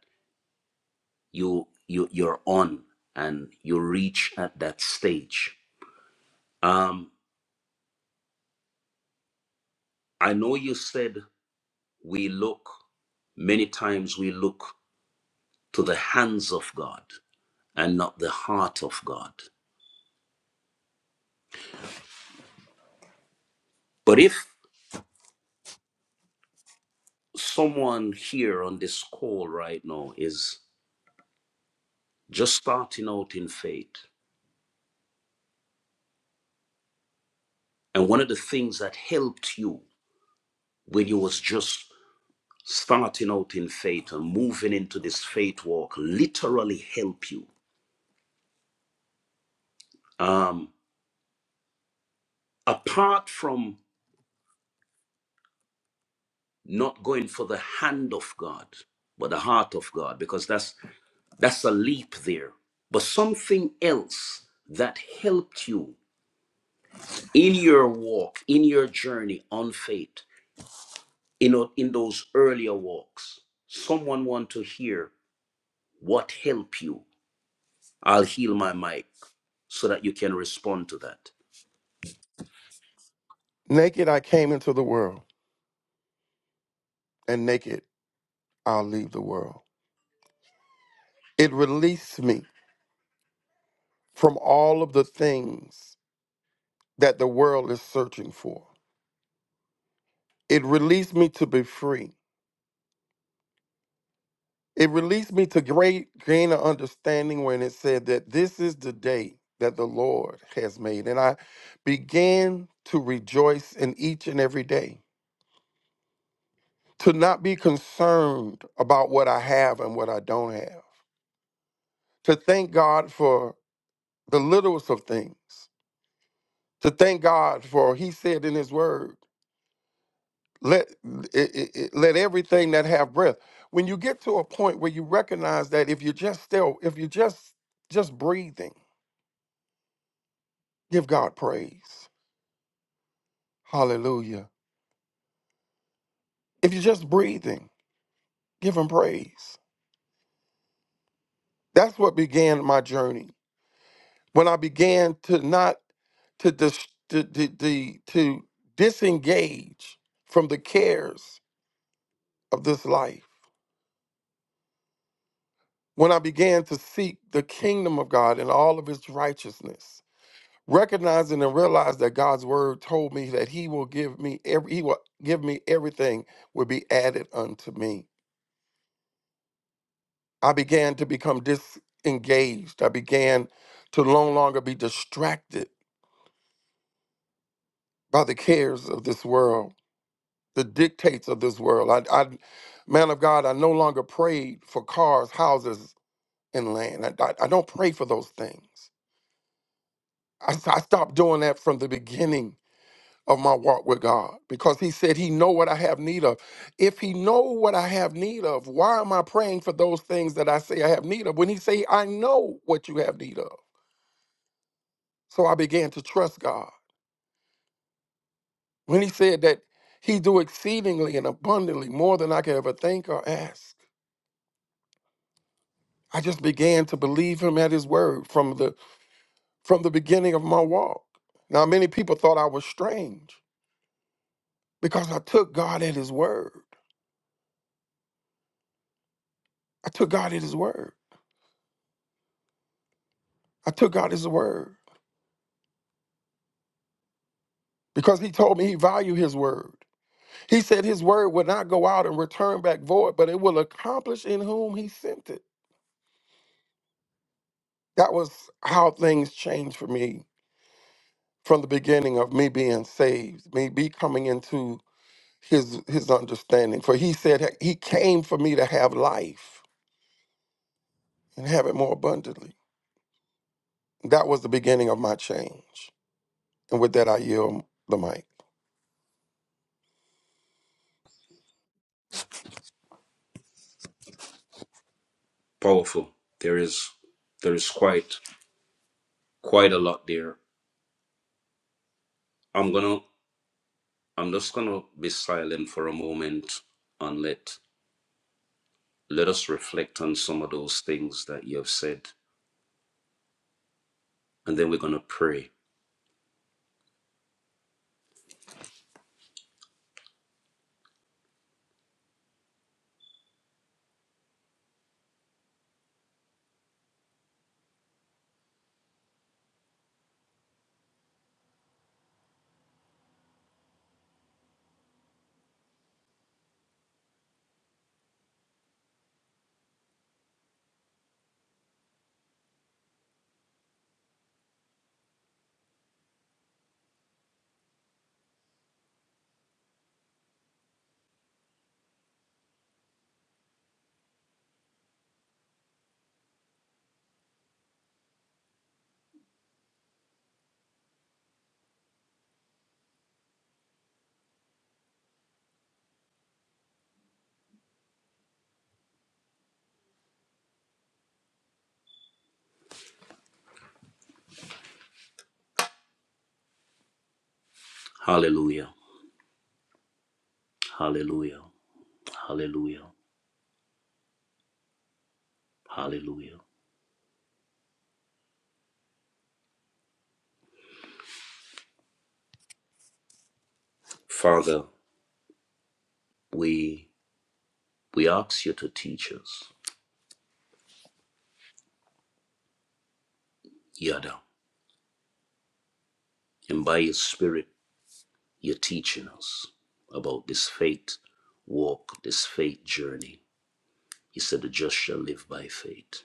S3: you you you're on and you reach at that stage. Um I know you said we look many times we look to the hands of God. and not the heart of God. But if someone here on this call right now is just starting out in faith, and one of the things that helped you when you was just starting out in faith and moving into this faith walk literally help you um, apart from not going for the hand of God, but the heart of God, because that's that's a leap there. But something else that helped you in your walk, in your journey on faith, in, o- in those earlier walks, someone want to hear what helped you. I'll heal my mic so that you can respond to that.
S6: Naked I came into the world, and naked I'll leave the world. It released me from all of the things that the world is searching for. It released me to be free. It released me to great gain of understanding when it said that this is the day that the Lord has made. And I began to rejoice in each and every day, to not be concerned about what I have and what I don't have, to thank God for the littlest of things, to thank God for He said in His Word, let, it, it- it- let everything that have breath. When you get to a point where you recognize that if you're just still, if you're just just breathing, Give God praise. Hallelujah. If you're just breathing, give him praise. That's what began my journey. When I began to not to dis, to, to, to, to disengage from the cares of this life. When I began to seek the kingdom of God and all of His righteousness, recognizing and realizing that God's word told me that he will give me every he will give me everything will be added unto me. I began to become disengaged. I began to no longer be distracted by the cares of this world, the dictates of this world. I, I man of God, I no longer prayed for cars, houses, and land. I, I, I don't pray for those things. I I stopped doing that from the beginning of my walk with God because he said he know what I have need of. If he know what I have need of, why am I praying for those things that I say I have need of when he say I know what you have need of? So I began to trust God. When he said that he do exceedingly and abundantly more than I could ever think or ask, I just began to believe him at his word from the from the beginning of my walk. Now many people thought I was strange because I took God at his word. I took God at his word. I took God at his word because he told me he valued his word. He said his word would not go out and return back void, but it will accomplish in whom he sent it. That was how things changed for me from the beginning of me being saved, me be coming into his his understanding. For he said he came for me to have life and have it more abundantly. That was the beginning of my change. And with that I yield the mic.
S3: Powerful. There is there is quite quite a lot there. I'm gonna I'm just gonna be silent for a moment and let let us reflect on some of those things that you have said. And then we're gonna pray. Hallelujah. Hallelujah. Hallelujah. Hallelujah. Father, we we ask you to teach us, Yada, and by your Spirit, you're teaching us about this faith walk, this faith journey. You said the just shall live by faith.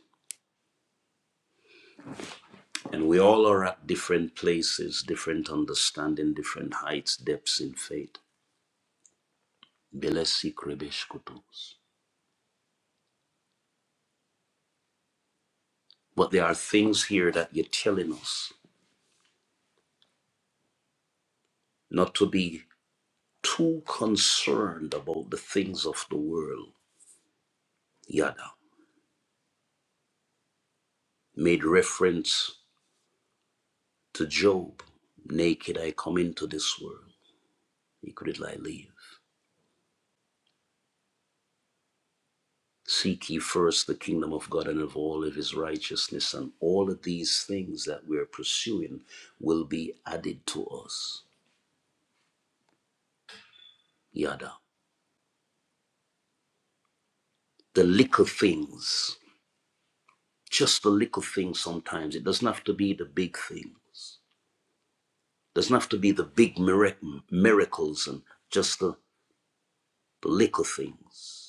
S3: And we all are at different places, different understanding, different heights, depths in faith. Belesi krebesh kutus. But there are things here that you're telling us not to be too concerned about the things of the world, Yada made reference to Job. Naked I come into this world, naked will I leave. Seek ye first the kingdom of God and of all of his righteousness, and all of these things that we're pursuing will be added to us. Yada. The little things, just the little things sometimes. It doesn't have to be the big things, It doesn't have to be the big miracles and just the, the little things.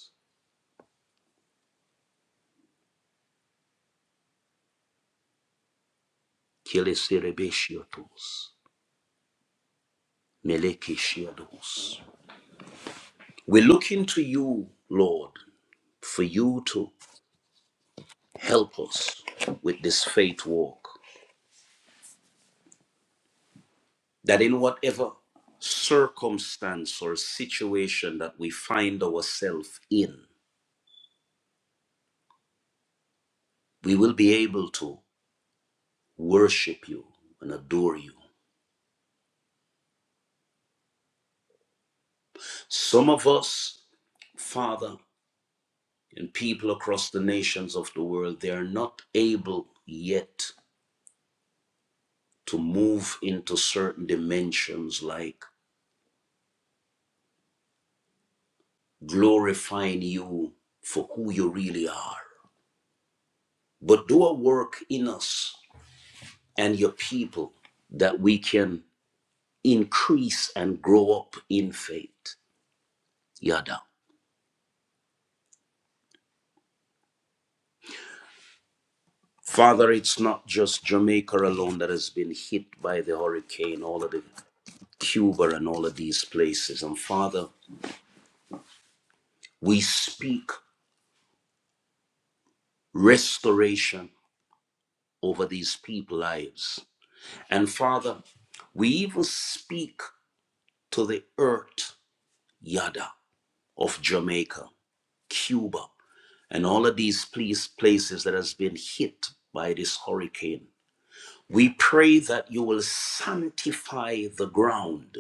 S3: Meleki Shiados. We're looking to you, Lord, for you to help us with this faith walk. That in whatever circumstance or situation that we find ourselves in, we will be able to worship you and adore you. Some of us, Father, and people across the nations of the world, they are not able yet to move into certain dimensions like glorifying you for who you really are. But do a work in us and your people that we can increase and grow up in faith. Yada. Father, it's not just Jamaica alone that has been hit by the hurricane, all of the Cuba and all of these places. And Father, we speak restoration over these people's lives. And Father, we even speak to the earth, Yada. of Jamaica, Cuba, and all of these please places that has been hit by this hurricane. We pray that you will sanctify the ground.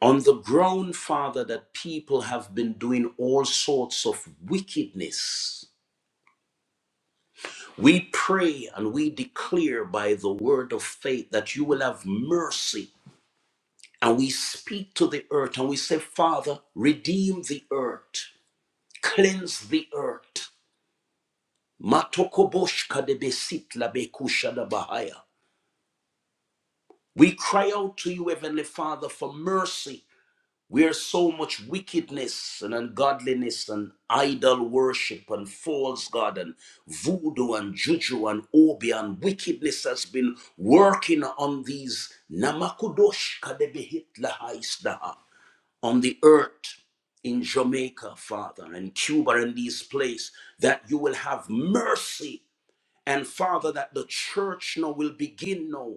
S3: On the ground, Father, that people have been doing all sorts of wickedness. We pray and we declare by the word of faith that you will have mercy And we speak to the earth and we say, Father, redeem the earth, cleanse the earth. Matokoboshka de besitla bekusha da bahaya. We cry out to you, Heavenly Father, for mercy. Where so much wickedness and ungodliness and idol worship and false god and voodoo and juju and obi and wickedness has been working on these namakudosh kadebehit lahaisdaha. on the earth in Jamaica, Father, and Cuba and these places, that you will have mercy. And Father, that the church now will begin now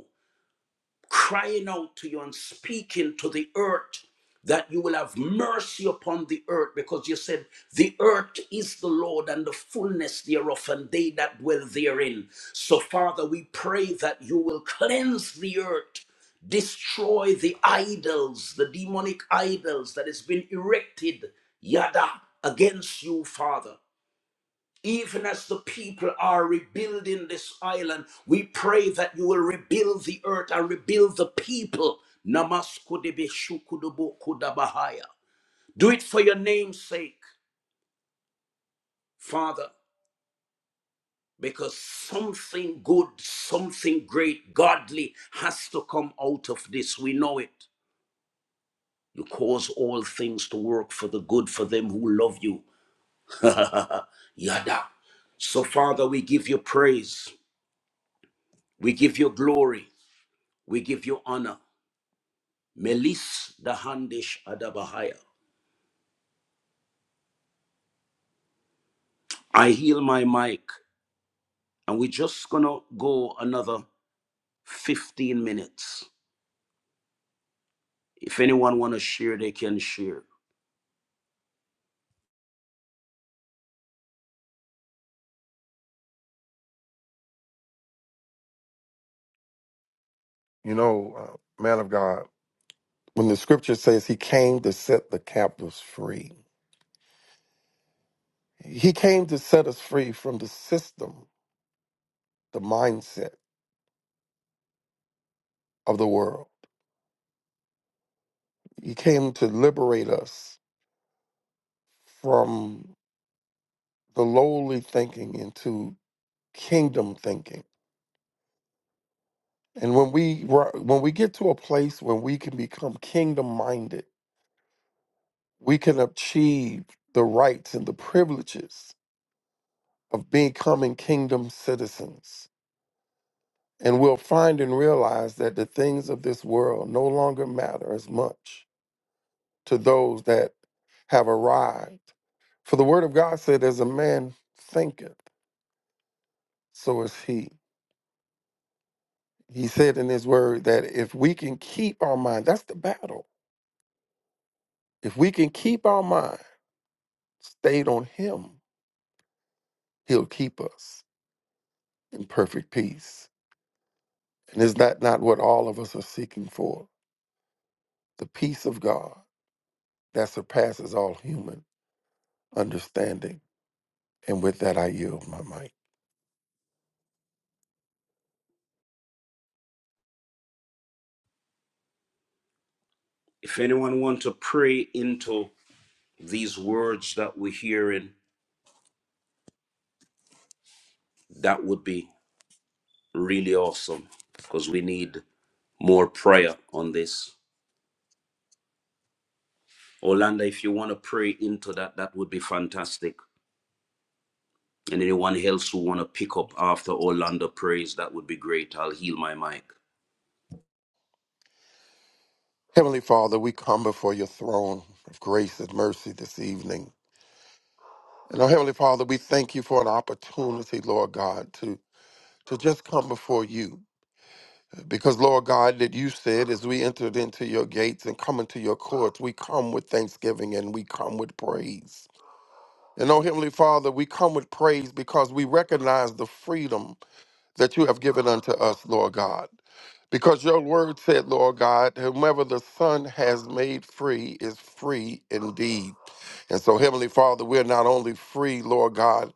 S3: crying out to you and speaking to the earth that you will have mercy upon the earth because you said the earth is the lord and the fullness thereof and they that dwell therein so father we pray that you will cleanse the earth destroy the idols the demonic idols that has been erected yada against you father even as the people are rebuilding this island, we pray that you will rebuild the earth and rebuild the people. Namaskudebe shukudubu kudabahaya. Do it for your name's sake, Father, because something good, something great, godly has to come out of this. We know it. You cause all things to work for the good for them who love you. Yada. So, Father, we give you praise. We give you glory. We give you honor. Melis Dahandish Adabahaya. I heal my mic, and we're just gonna go another 15 minutes. If anyone wanna share, they can share.
S6: You know, uh, man of God, when the scripture says he came to set the captives free, he came to set us free from the system the mindset of the world. He came to liberate us from the lowly thinking into kingdom thinking. And when we ri- when we get to a place where we can become kingdom minded, we can achieve the rights and the privileges of becoming kingdom citizens. And we'll find and realize that the things of this world no longer matter as much to those that have arrived. For the word of God said, As a man thinketh, so is he. He said in his word that if we can keep our mind, that's the battle. If we can keep our mind stayed on him, he'll keep us in perfect peace. And is that not what all of us are seeking for? The peace of God that surpasses all human understanding. And with that, I yield my mic.
S3: If anyone want to pray into these words that we're hearing, that would be really awesome because we need more prayer on this. Orlando, if you want to pray into that, that would be fantastic. And anyone else who want to pick up after Orlando praise, that would be great. I'll heal my mic.
S6: Heavenly Father, we come before your throne of grace and mercy this evening And oh, Heavenly Father, we thank you for an opportunity, Lord God, to, to just come before you. Because, Lord God, that you said as we entered into your gates and come into your courts, we come with thanksgiving and we come with praise. And oh, Heavenly Father, we come with praise because we recognize the freedom that you have given unto us, Lord God. Because your word said, Lord God, whomever the Son has made free is free indeed. And so, Heavenly Father, we're not only free, Lord God,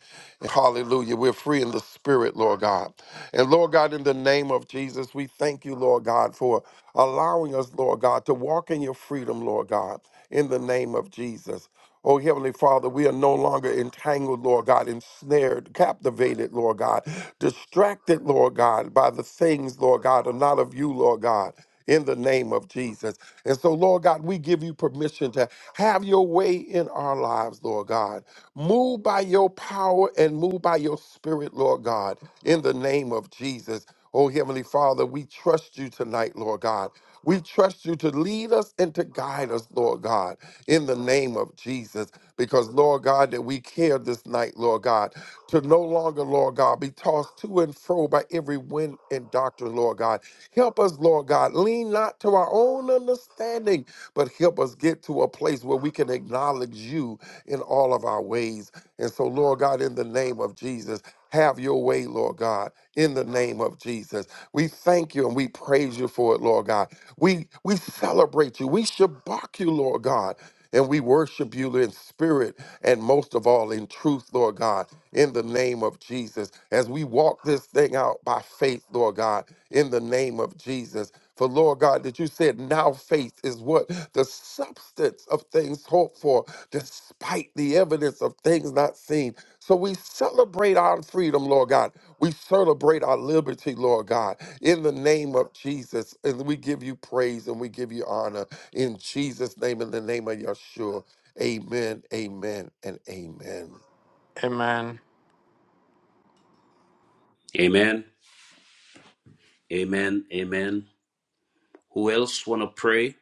S6: hallelujah, we're free in the spirit, Lord God. And Lord God, in the name of Jesus, we thank you, Lord God, for allowing us, Lord God, to walk in your freedom, Lord God, in the name of Jesus. Oh, Heavenly Father, we are no longer entangled, Lord God, ensnared, captivated, Lord God, distracted, Lord God, by the things, Lord God, are not of you, Lord God in the name of Jesus. And so, Lord God, we give you permission to have your way in our lives, Lord God. Move by your power and move by your spirit, Lord God, in the name of Jesus. Oh, Heavenly Father, we trust you tonight, Lord God. We trust you to lead us and to guide us, Lord God, in the name of Jesus. Because, Lord God, that we care this night, Lord God, to no longer, Lord God, be tossed to and fro by every wind and doctrine, Lord God. Help us, Lord God, lean not to our own understanding, but help us get to a place where we can acknowledge you in all of our ways. And so, Lord God, in the name of Jesus, have your way, Lord God, in the name of Jesus. We thank you and we praise you for it, Lord God. We we celebrate you. We shabak you, Lord God. And we worship you in spirit and most of all in truth, Lord God, in the name of Jesus. As we walk this thing out by faith, Lord God, in the name of Jesus. For Lord God, that you said now faith is what? The substance of things hoped for, despite the evidence of things not seen. So we celebrate our freedom, Lord God. We celebrate our liberty, Lord God, in the name of Jesus. And we give you praise and we give you honor in Jesus' name, in the name of Yeshua. Amen, amen, and amen.
S5: Amen.
S3: Amen. Amen. Amen. Who else want to pray?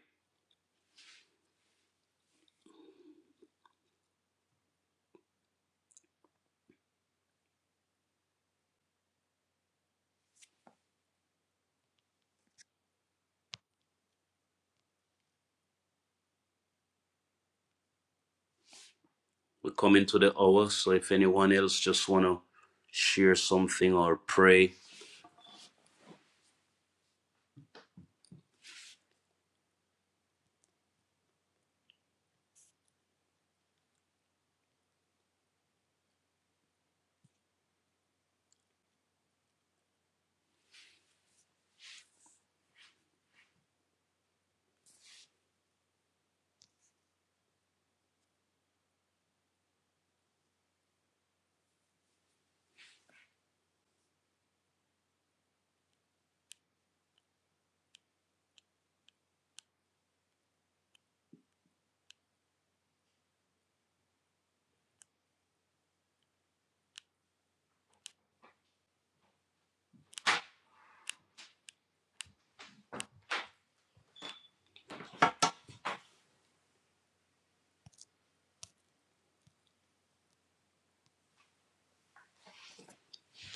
S3: We're coming to the hour, so if anyone else just want to share something or pray.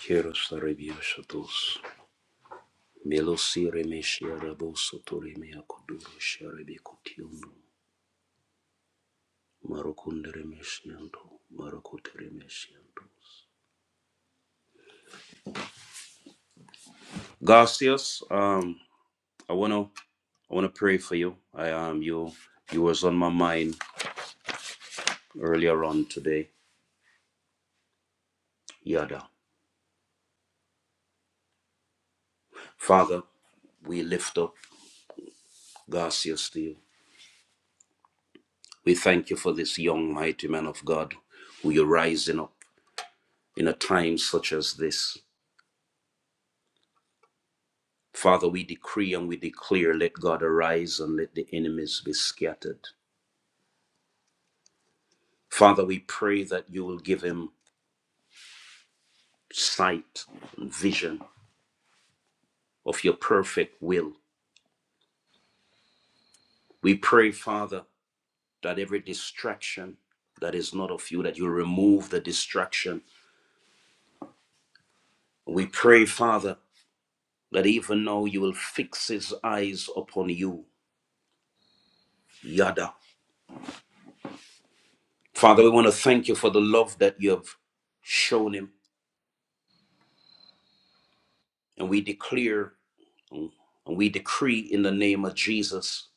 S3: Kieros Garcias, um, I want to I want to pray for you. I am you. You was on my mind earlier on today, Yada. Father, we lift up Garcia Steele. We thank you for this young, mighty man of God who you're rising up in a time such as this. Father, we decree and we declare, let God arise and let the enemies be scattered. Father, we pray that you will give him sight and vision of your perfect will. We pray, Father, that every distraction that is not of you, that you remove the distraction. We pray, Father, that even now you will fix his eyes upon you. Yada. Father, we want to thank you for the love that you have shown him. And we declare and we decree in the name of Jesus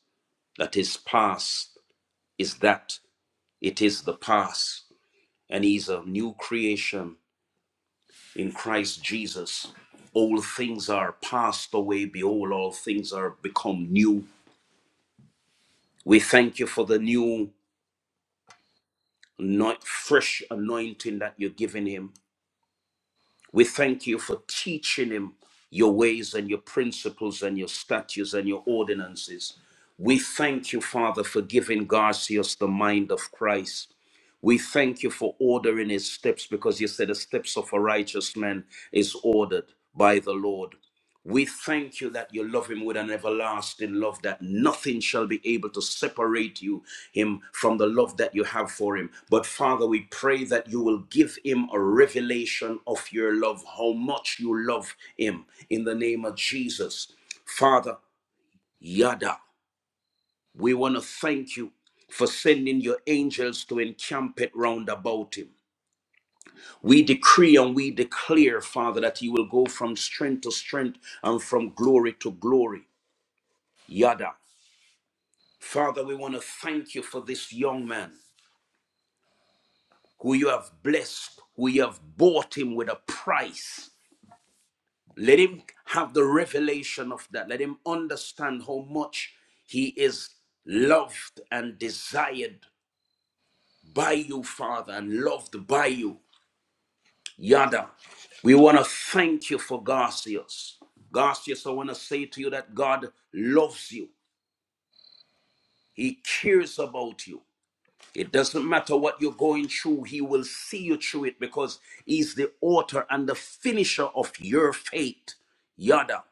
S3: that his past is that it is the past. And he's a new creation in Christ Jesus, all things are passed away. Behold, all things are become new. We thank you for the new, not fresh anointing that you're giving him. We thank you for teaching him your ways and your principles and your statutes and your ordinances. We thank you, Father, for giving Garcius the mind of Christ. We thank you for ordering his steps because you said the steps of a righteous man is ordered by the Lord. We thank you that you love him with an everlasting love, that nothing shall be able to separate you, him, from the love that you have for him. But Father, we pray that you will give him a revelation of your love, how much you love him, in the name of Jesus. Father, Yada, we want to thank you for sending your angels to encamp it round about him. We decree and we declare, Father, that you will go from strength to strength and from glory to glory. Yada. Father, we want to thank you for this young man who you have blessed, who you have bought him with a price. Let him have the revelation of that. Let him understand how much he is loved and desired by you, Father, and loved by you. Yada, we want to thank you for Garcias. Garcias, I want to say to you that God loves you. He cares about you. It doesn't matter what you're going through, He will see you through it because He's the author and the finisher of your faith. Yada.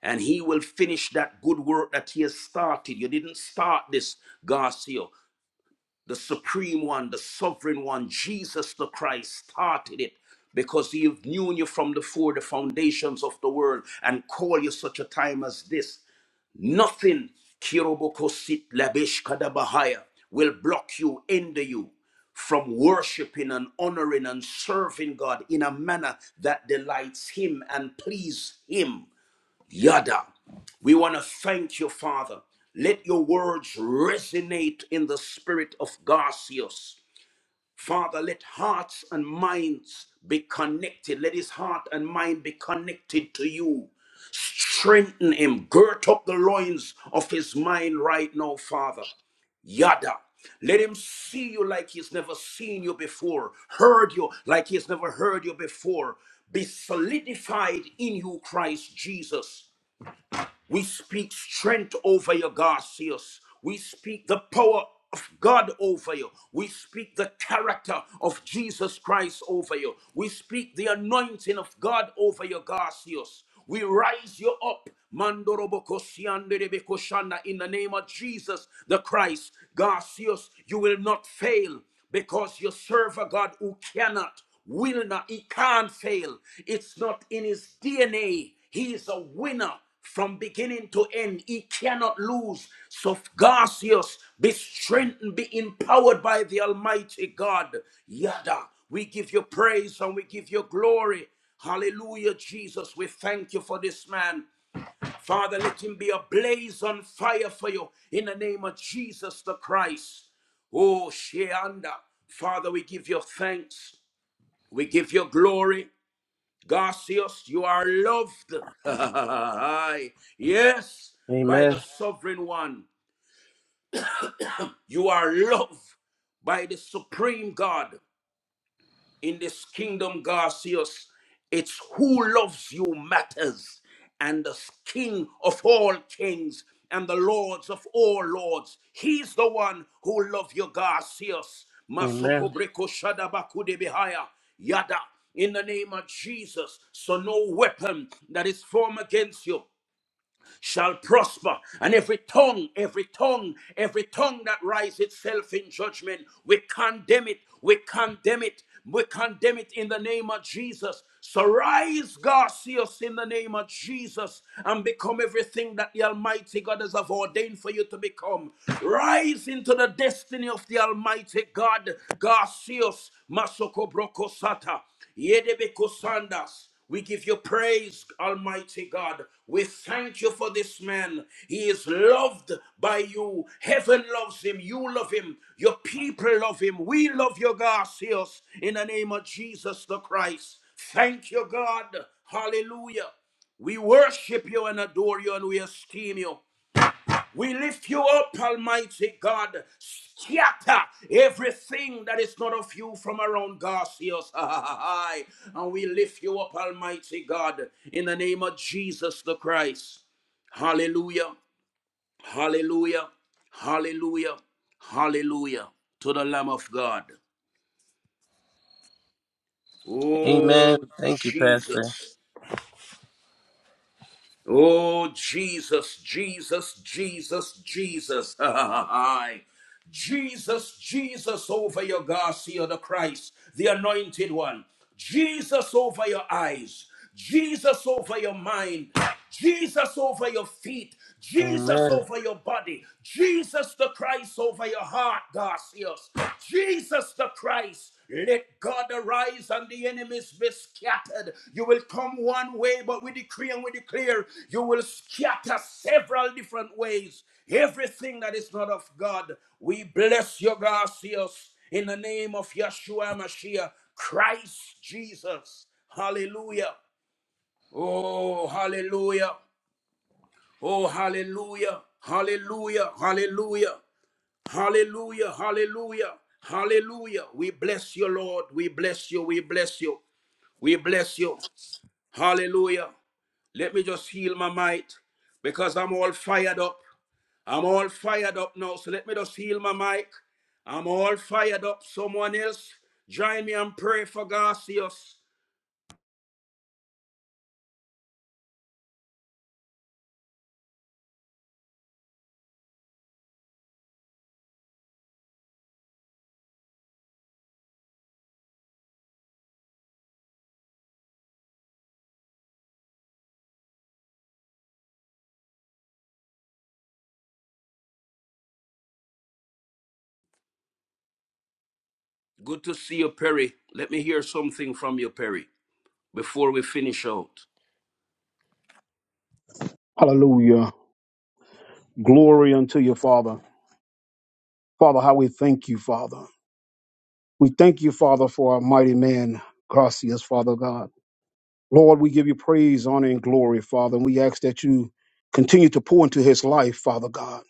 S3: And He will finish that good work that He has started. You didn't start this, Garcia the supreme one, the sovereign one, Jesus the Christ, started it because he knew you from the before the foundations of the world and called you such a time as this. Nothing, Kirobokosit Labish Kadabahaya, will block you, hinder you from worshiping and honoring and serving God in a manner that delights him and please him. Yada. We want to thank you, Father. Let your words resonate in the spirit of Garcius. Father, let hearts and minds be connected. Let his heart and mind be connected to you. Strengthen him. Girt up the loins of his mind right now, Father. Yada. Let him see you like he's never seen you before, heard you like he's never heard you before. Be solidified in you, Christ Jesus. We speak strength over you, Garcias. We speak the power of God over you. We speak the character of Jesus Christ over you. We speak the anointing of God over you, Garcias. We rise you up. Mandorobokosianderebekoshana, In the name of Jesus the Christ, Garcias, you will not fail because you serve a God who cannot, will not, he can't fail. It's not in his DNA. He is a winner from beginning to end. He cannot lose. So, Garcius, be strengthened, be empowered by the Almighty God. Yada, we give you praise and we give you glory. Hallelujah, Jesus. We thank you for this man. Father, let him be a blaze on fire for you in the name of Jesus the Christ. Oh, Sheanda. Father, we give you thanks. We give you glory. Garcius, you are loved. yes, by the
S4: Amen.
S3: sovereign one. You are loved by the supreme God in this kingdom, Garcias, it's who loves you matters. And the King of all kings and the Lords of all lords, He's the one who loves you, Garcias.
S4: Amen.
S3: Masoko breko shadabakude behaya. Yada, in the name of Jesus. So no weapon that is formed against you shall prosper. And every tongue, every tongue, every tongue that rises itself in judgment, we condemn it, we condemn it, we condemn it in the name of Jesus. So rise, Garcias, in the name of Jesus, and become everything that the Almighty God has ordained for you to become. Rise into the destiny of the Almighty God, Garcias, Masoko Brokosata, yedebe kosandas. We give you praise, Almighty God. We thank you for this man. He is loved by you. Heaven loves him. You love him. Your people love him. We love you, Garcias, in the name of Jesus the Christ. Thank you, God. Hallelujah. We worship you and adore you and we esteem you. We lift you up, Almighty God. Scatter everything that is not of you from around Garcias. and we lift you up, Almighty God, in the name of Jesus the Christ. Hallelujah. Hallelujah. Hallelujah. Hallelujah to the Lamb of God.
S4: Amen.
S3: Oh,
S4: Thank you, Pastor.
S3: Jesus. Oh, Jesus, Jesus, Jesus, Jesus. Aye. Jesus, Jesus over your Garcia, the Christ, the anointed one. Jesus over your eyes. Jesus over your mind. Jesus over your feet. Jesus
S4: Amen.
S3: over your body. Jesus the Christ over your heart, God. Yes. Jesus the Christ. Let God arise and the enemies be scattered. You will come one way, but we decree and we declare you will scatter several different ways. Everything that is not of God, we bless you, Garcias in the name of Yeshua Mashiach, Christ Jesus. Hallelujah. Oh, hallelujah. Oh, hallelujah. Hallelujah. Hallelujah. Hallelujah, hallelujah, hallelujah. We bless you, Lord. We bless you, we bless you, we bless you. Hallelujah. Let me just heal my mic because I'm all fired up. I'm all fired up now. So let me just heal my mic. I'm all fired up. Someone else, join me and pray for Garcius. Good to see you, Perry. Let me hear something from you, Perry, before we finish out.
S7: Hallelujah. Glory unto you, Father. Father, how we thank you, Father. We thank you, Father, for our mighty man, Gracias, Father God. Lord, we give you praise, honor, and glory, Father. And we ask that you continue to pour into his life, Father God.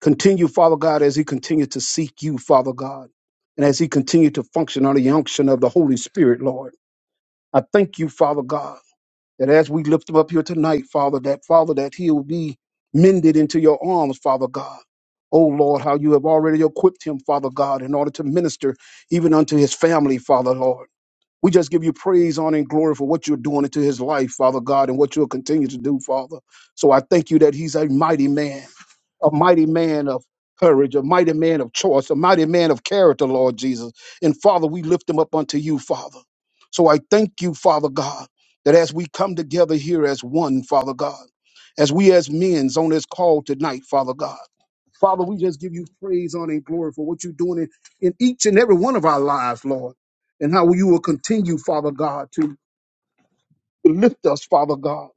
S7: Continue, Father God, as he continues to seek you, Father God, and as he continues to function under the unction of the Holy Spirit, Lord. I thank you, Father God. that as we lift them up here tonight, Father, that Father, that he will be mended into your arms, Father God. Oh Lord, how you have already equipped him, Father God, in order to minister even unto his family, Father Lord. We just give you praise, honor, and glory for what you're doing into his life, Father God, and what you'll continue to do, Father. So I thank you that he's a mighty man a mighty man of courage, a mighty man of choice, a mighty man of character, Lord Jesus. And Father, we lift him up unto you, Father. So I thank you, Father God, that as we come together here as one, Father God, as we as men's on this call tonight, Father God. Father, we just give you praise, honor, and glory for what you're doing in, in each and every one of our lives, Lord, and how you will continue, Father God, to Lift us, Father God.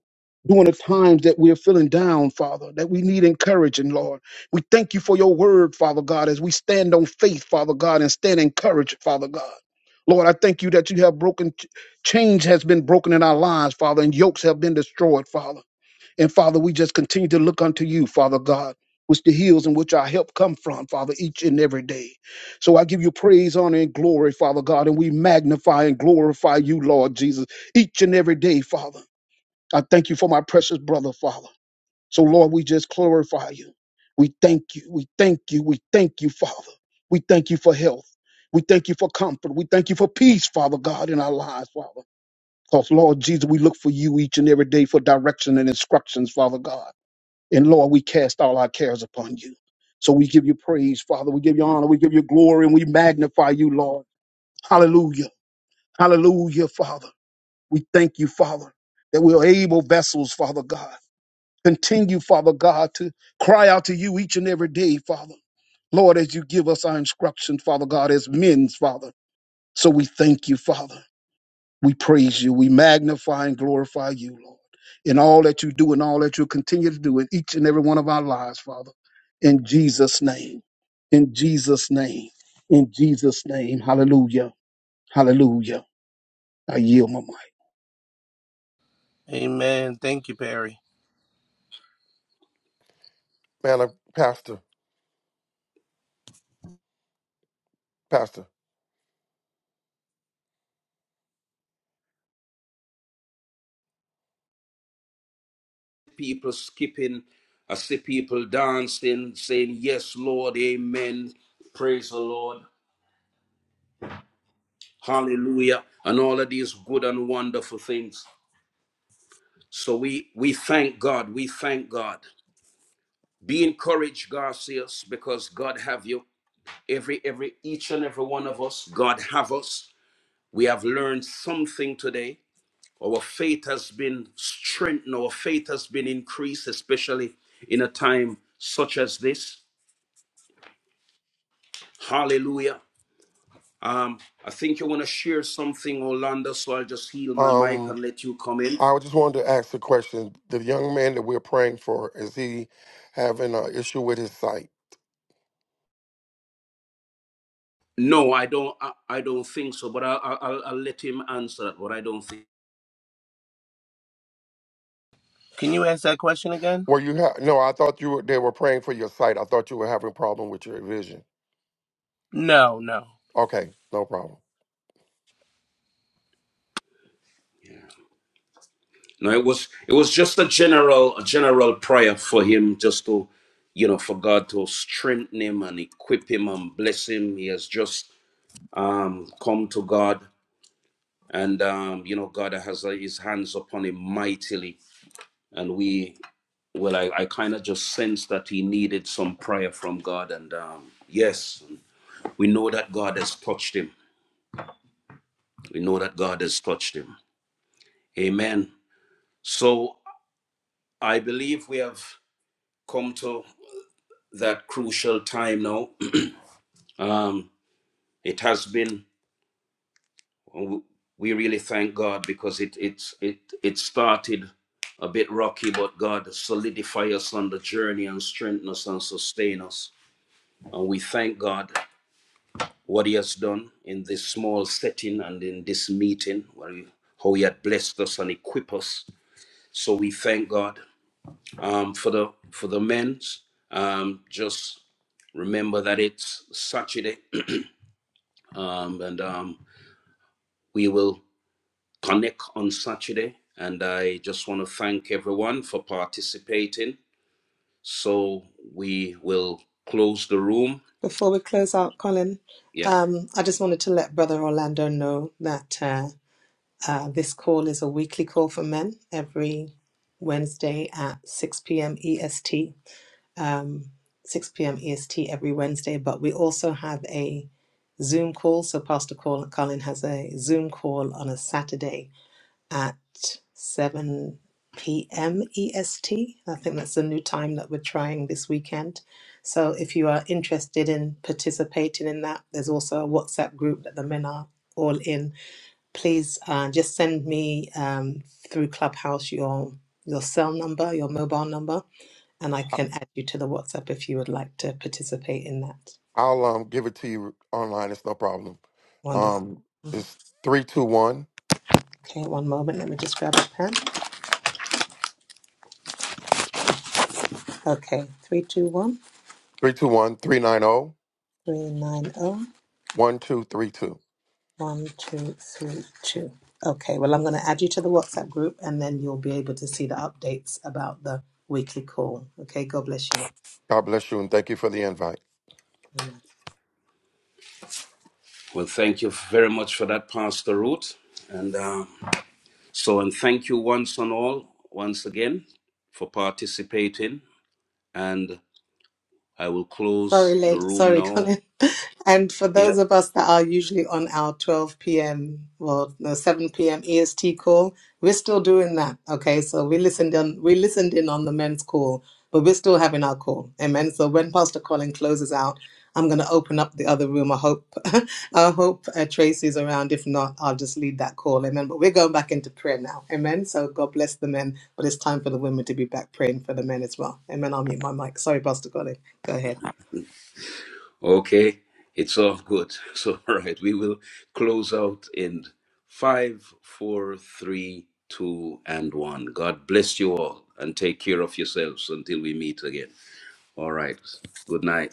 S7: During the times that we're feeling down, Father, that we need encouraging, Lord. We thank you for your word, Father God, as we stand on faith, Father God, and stand encouraged, Father God. Lord, I thank you that you have broken, change has been broken in our lives, Father, and yokes have been destroyed, Father. And Father, we just continue to look unto you, Father God, which the hills in which our help come from, Father, each and every day. So I give you praise, honor, and glory, Father God, and we magnify and glorify you, Lord Jesus, each and every day, Father. I thank you for my precious brother, Father. So, Lord, we just glorify you. We thank you. We thank you. We thank you, Father. We thank you for health. We thank you for comfort. We thank you for peace, Father God, in our lives, Father. Because, Lord Jesus, we look for you each and every day for direction and instructions, Father God. And Lord, we cast all our cares upon you. So we give you praise, Father. We give you honor. We give you glory and we magnify you, Lord. Hallelujah. Hallelujah, Father. We thank you, Father, that we are able vessels, Father God. Continue, Father God, to cry out to you each and every day, Father. Lord, as you give us our instructions, Father God, as men's, Father. So we thank you, Father. We praise you. We magnify and glorify you, Lord, in all that you do and all that you continue to do in each and every one of our lives, Father. In Jesus' name. In Jesus' name. In Jesus' name. Hallelujah. Hallelujah. I yield my
S4: Amen. Thank you, Perry.
S6: Man, uh, Pastor, Pastor,
S3: people skipping. I see people dancing, saying, Yes, Lord, Amen. Praise the Lord. Hallelujah. And all of these good and wonderful things. So we we thank God. We thank God. Be encouraged, Garcias, because God have you. Every every each and every one of us, God have us. We have learned something today. Our faith has been strengthened, our faith has been increased, especially in a time such as this. Hallelujah. Um, I think you want to share something, Orlando. So I'll just heal my mic
S6: um,
S3: and let you come in.
S6: I just wanted to ask a question. The young man that we're praying for, is he having an issue with his sight?
S3: No, I don't. I, I don't think so. But I, I, I'll, I'll let him answer that. But I don't think.
S4: Can you ask that question again?
S6: Were you ha- no? I thought you were. They were praying for your sight. I thought you were having a problem with your vision.
S4: No, no.
S6: Okay, no problem.
S3: No, it was it was just a general a general prayer for him, just to you know, for God to strengthen him and equip him and bless him. He has just um, come to God, and um, you know, God has uh, His hands upon him mightily, and we well, I, I kind of just sensed that he needed some prayer from God. And um, yes, we know that God has touched him. We know that God has touched him. Amen. So I believe we have come to that crucial time now. Um, it has been, we really thank God because it, it it, it started a bit rocky, but God solidify us on the journey and strengthen us and sustain us. And we thank God. what he has done in this small setting and in this meeting, where he, how he had blessed us and equipped us. So we thank God um, for the for the men. Um, just remember that it's Saturday, um, and um, we will connect on Saturday. And I just want to thank everyone for participating. So we will close the room.
S2: Before we close out, Colin,
S3: Yeah.
S2: um, I just wanted to let Brother Orlando know that uh, uh, this call is a weekly call for men every Wednesday at 6 p.m. EST. Um, 6 p.m. EST every Wednesday, but we also have a Zoom call. So Pastor Col- Colin has a Zoom call on a Saturday at 7 p.m. EST. I think that's the new time that we're trying this weekend. So if you are interested in participating in that, there's also a WhatsApp group that the men are all in. Please uh, just send me um, through Clubhouse your your cell number, your mobile number, and I can add you to the WhatsApp if you would like to participate in that.
S6: I'll um give it to you online. It's no problem.
S2: Wonderful.
S6: Um,
S2: Mhm.
S6: it's 321
S2: Okay, one moment. Let me just grab a pen. Okay, three, two, one,
S6: 321 390
S2: three, nine, zero.
S6: 1232.
S2: One, two, three, two. Okay, well, I'm going to add you to the WhatsApp group and then you'll be able to see the updates about the weekly call. Okay, God bless you.
S6: God bless you and thank you for the invite.
S2: Amen.
S3: Well, thank you very much for that, Pastor Ruth. And um, So, and thank you once and all, once again, for participating. And I will close
S2: Sorry,
S3: the
S2: lady.
S3: room
S2: Sorry,
S3: now.
S2: Colin. And for those
S3: Yep.
S2: of us that are usually on our 12 p.m. well, no, 7 p.m. EST call, we're still doing that. Okay, so we listened on we listened in on the men's call, but we're still having our call. Amen. So when Pastor Colin closes out, I'm going to open up the other room. I hope I hope uh, Tracy's around. If not, I'll just lead that call. Amen. But we're going back into prayer now. Amen. So God bless the men, but it's time for the women to be back praying for the men as well. Amen. I'll mute my mic. Sorry, Pastor Colin. Go ahead.
S3: Okay. It's all good. So, all right. We will close out in five, four, three, two, and one. God bless you all and take care of yourselves until we meet again. All right. Good night.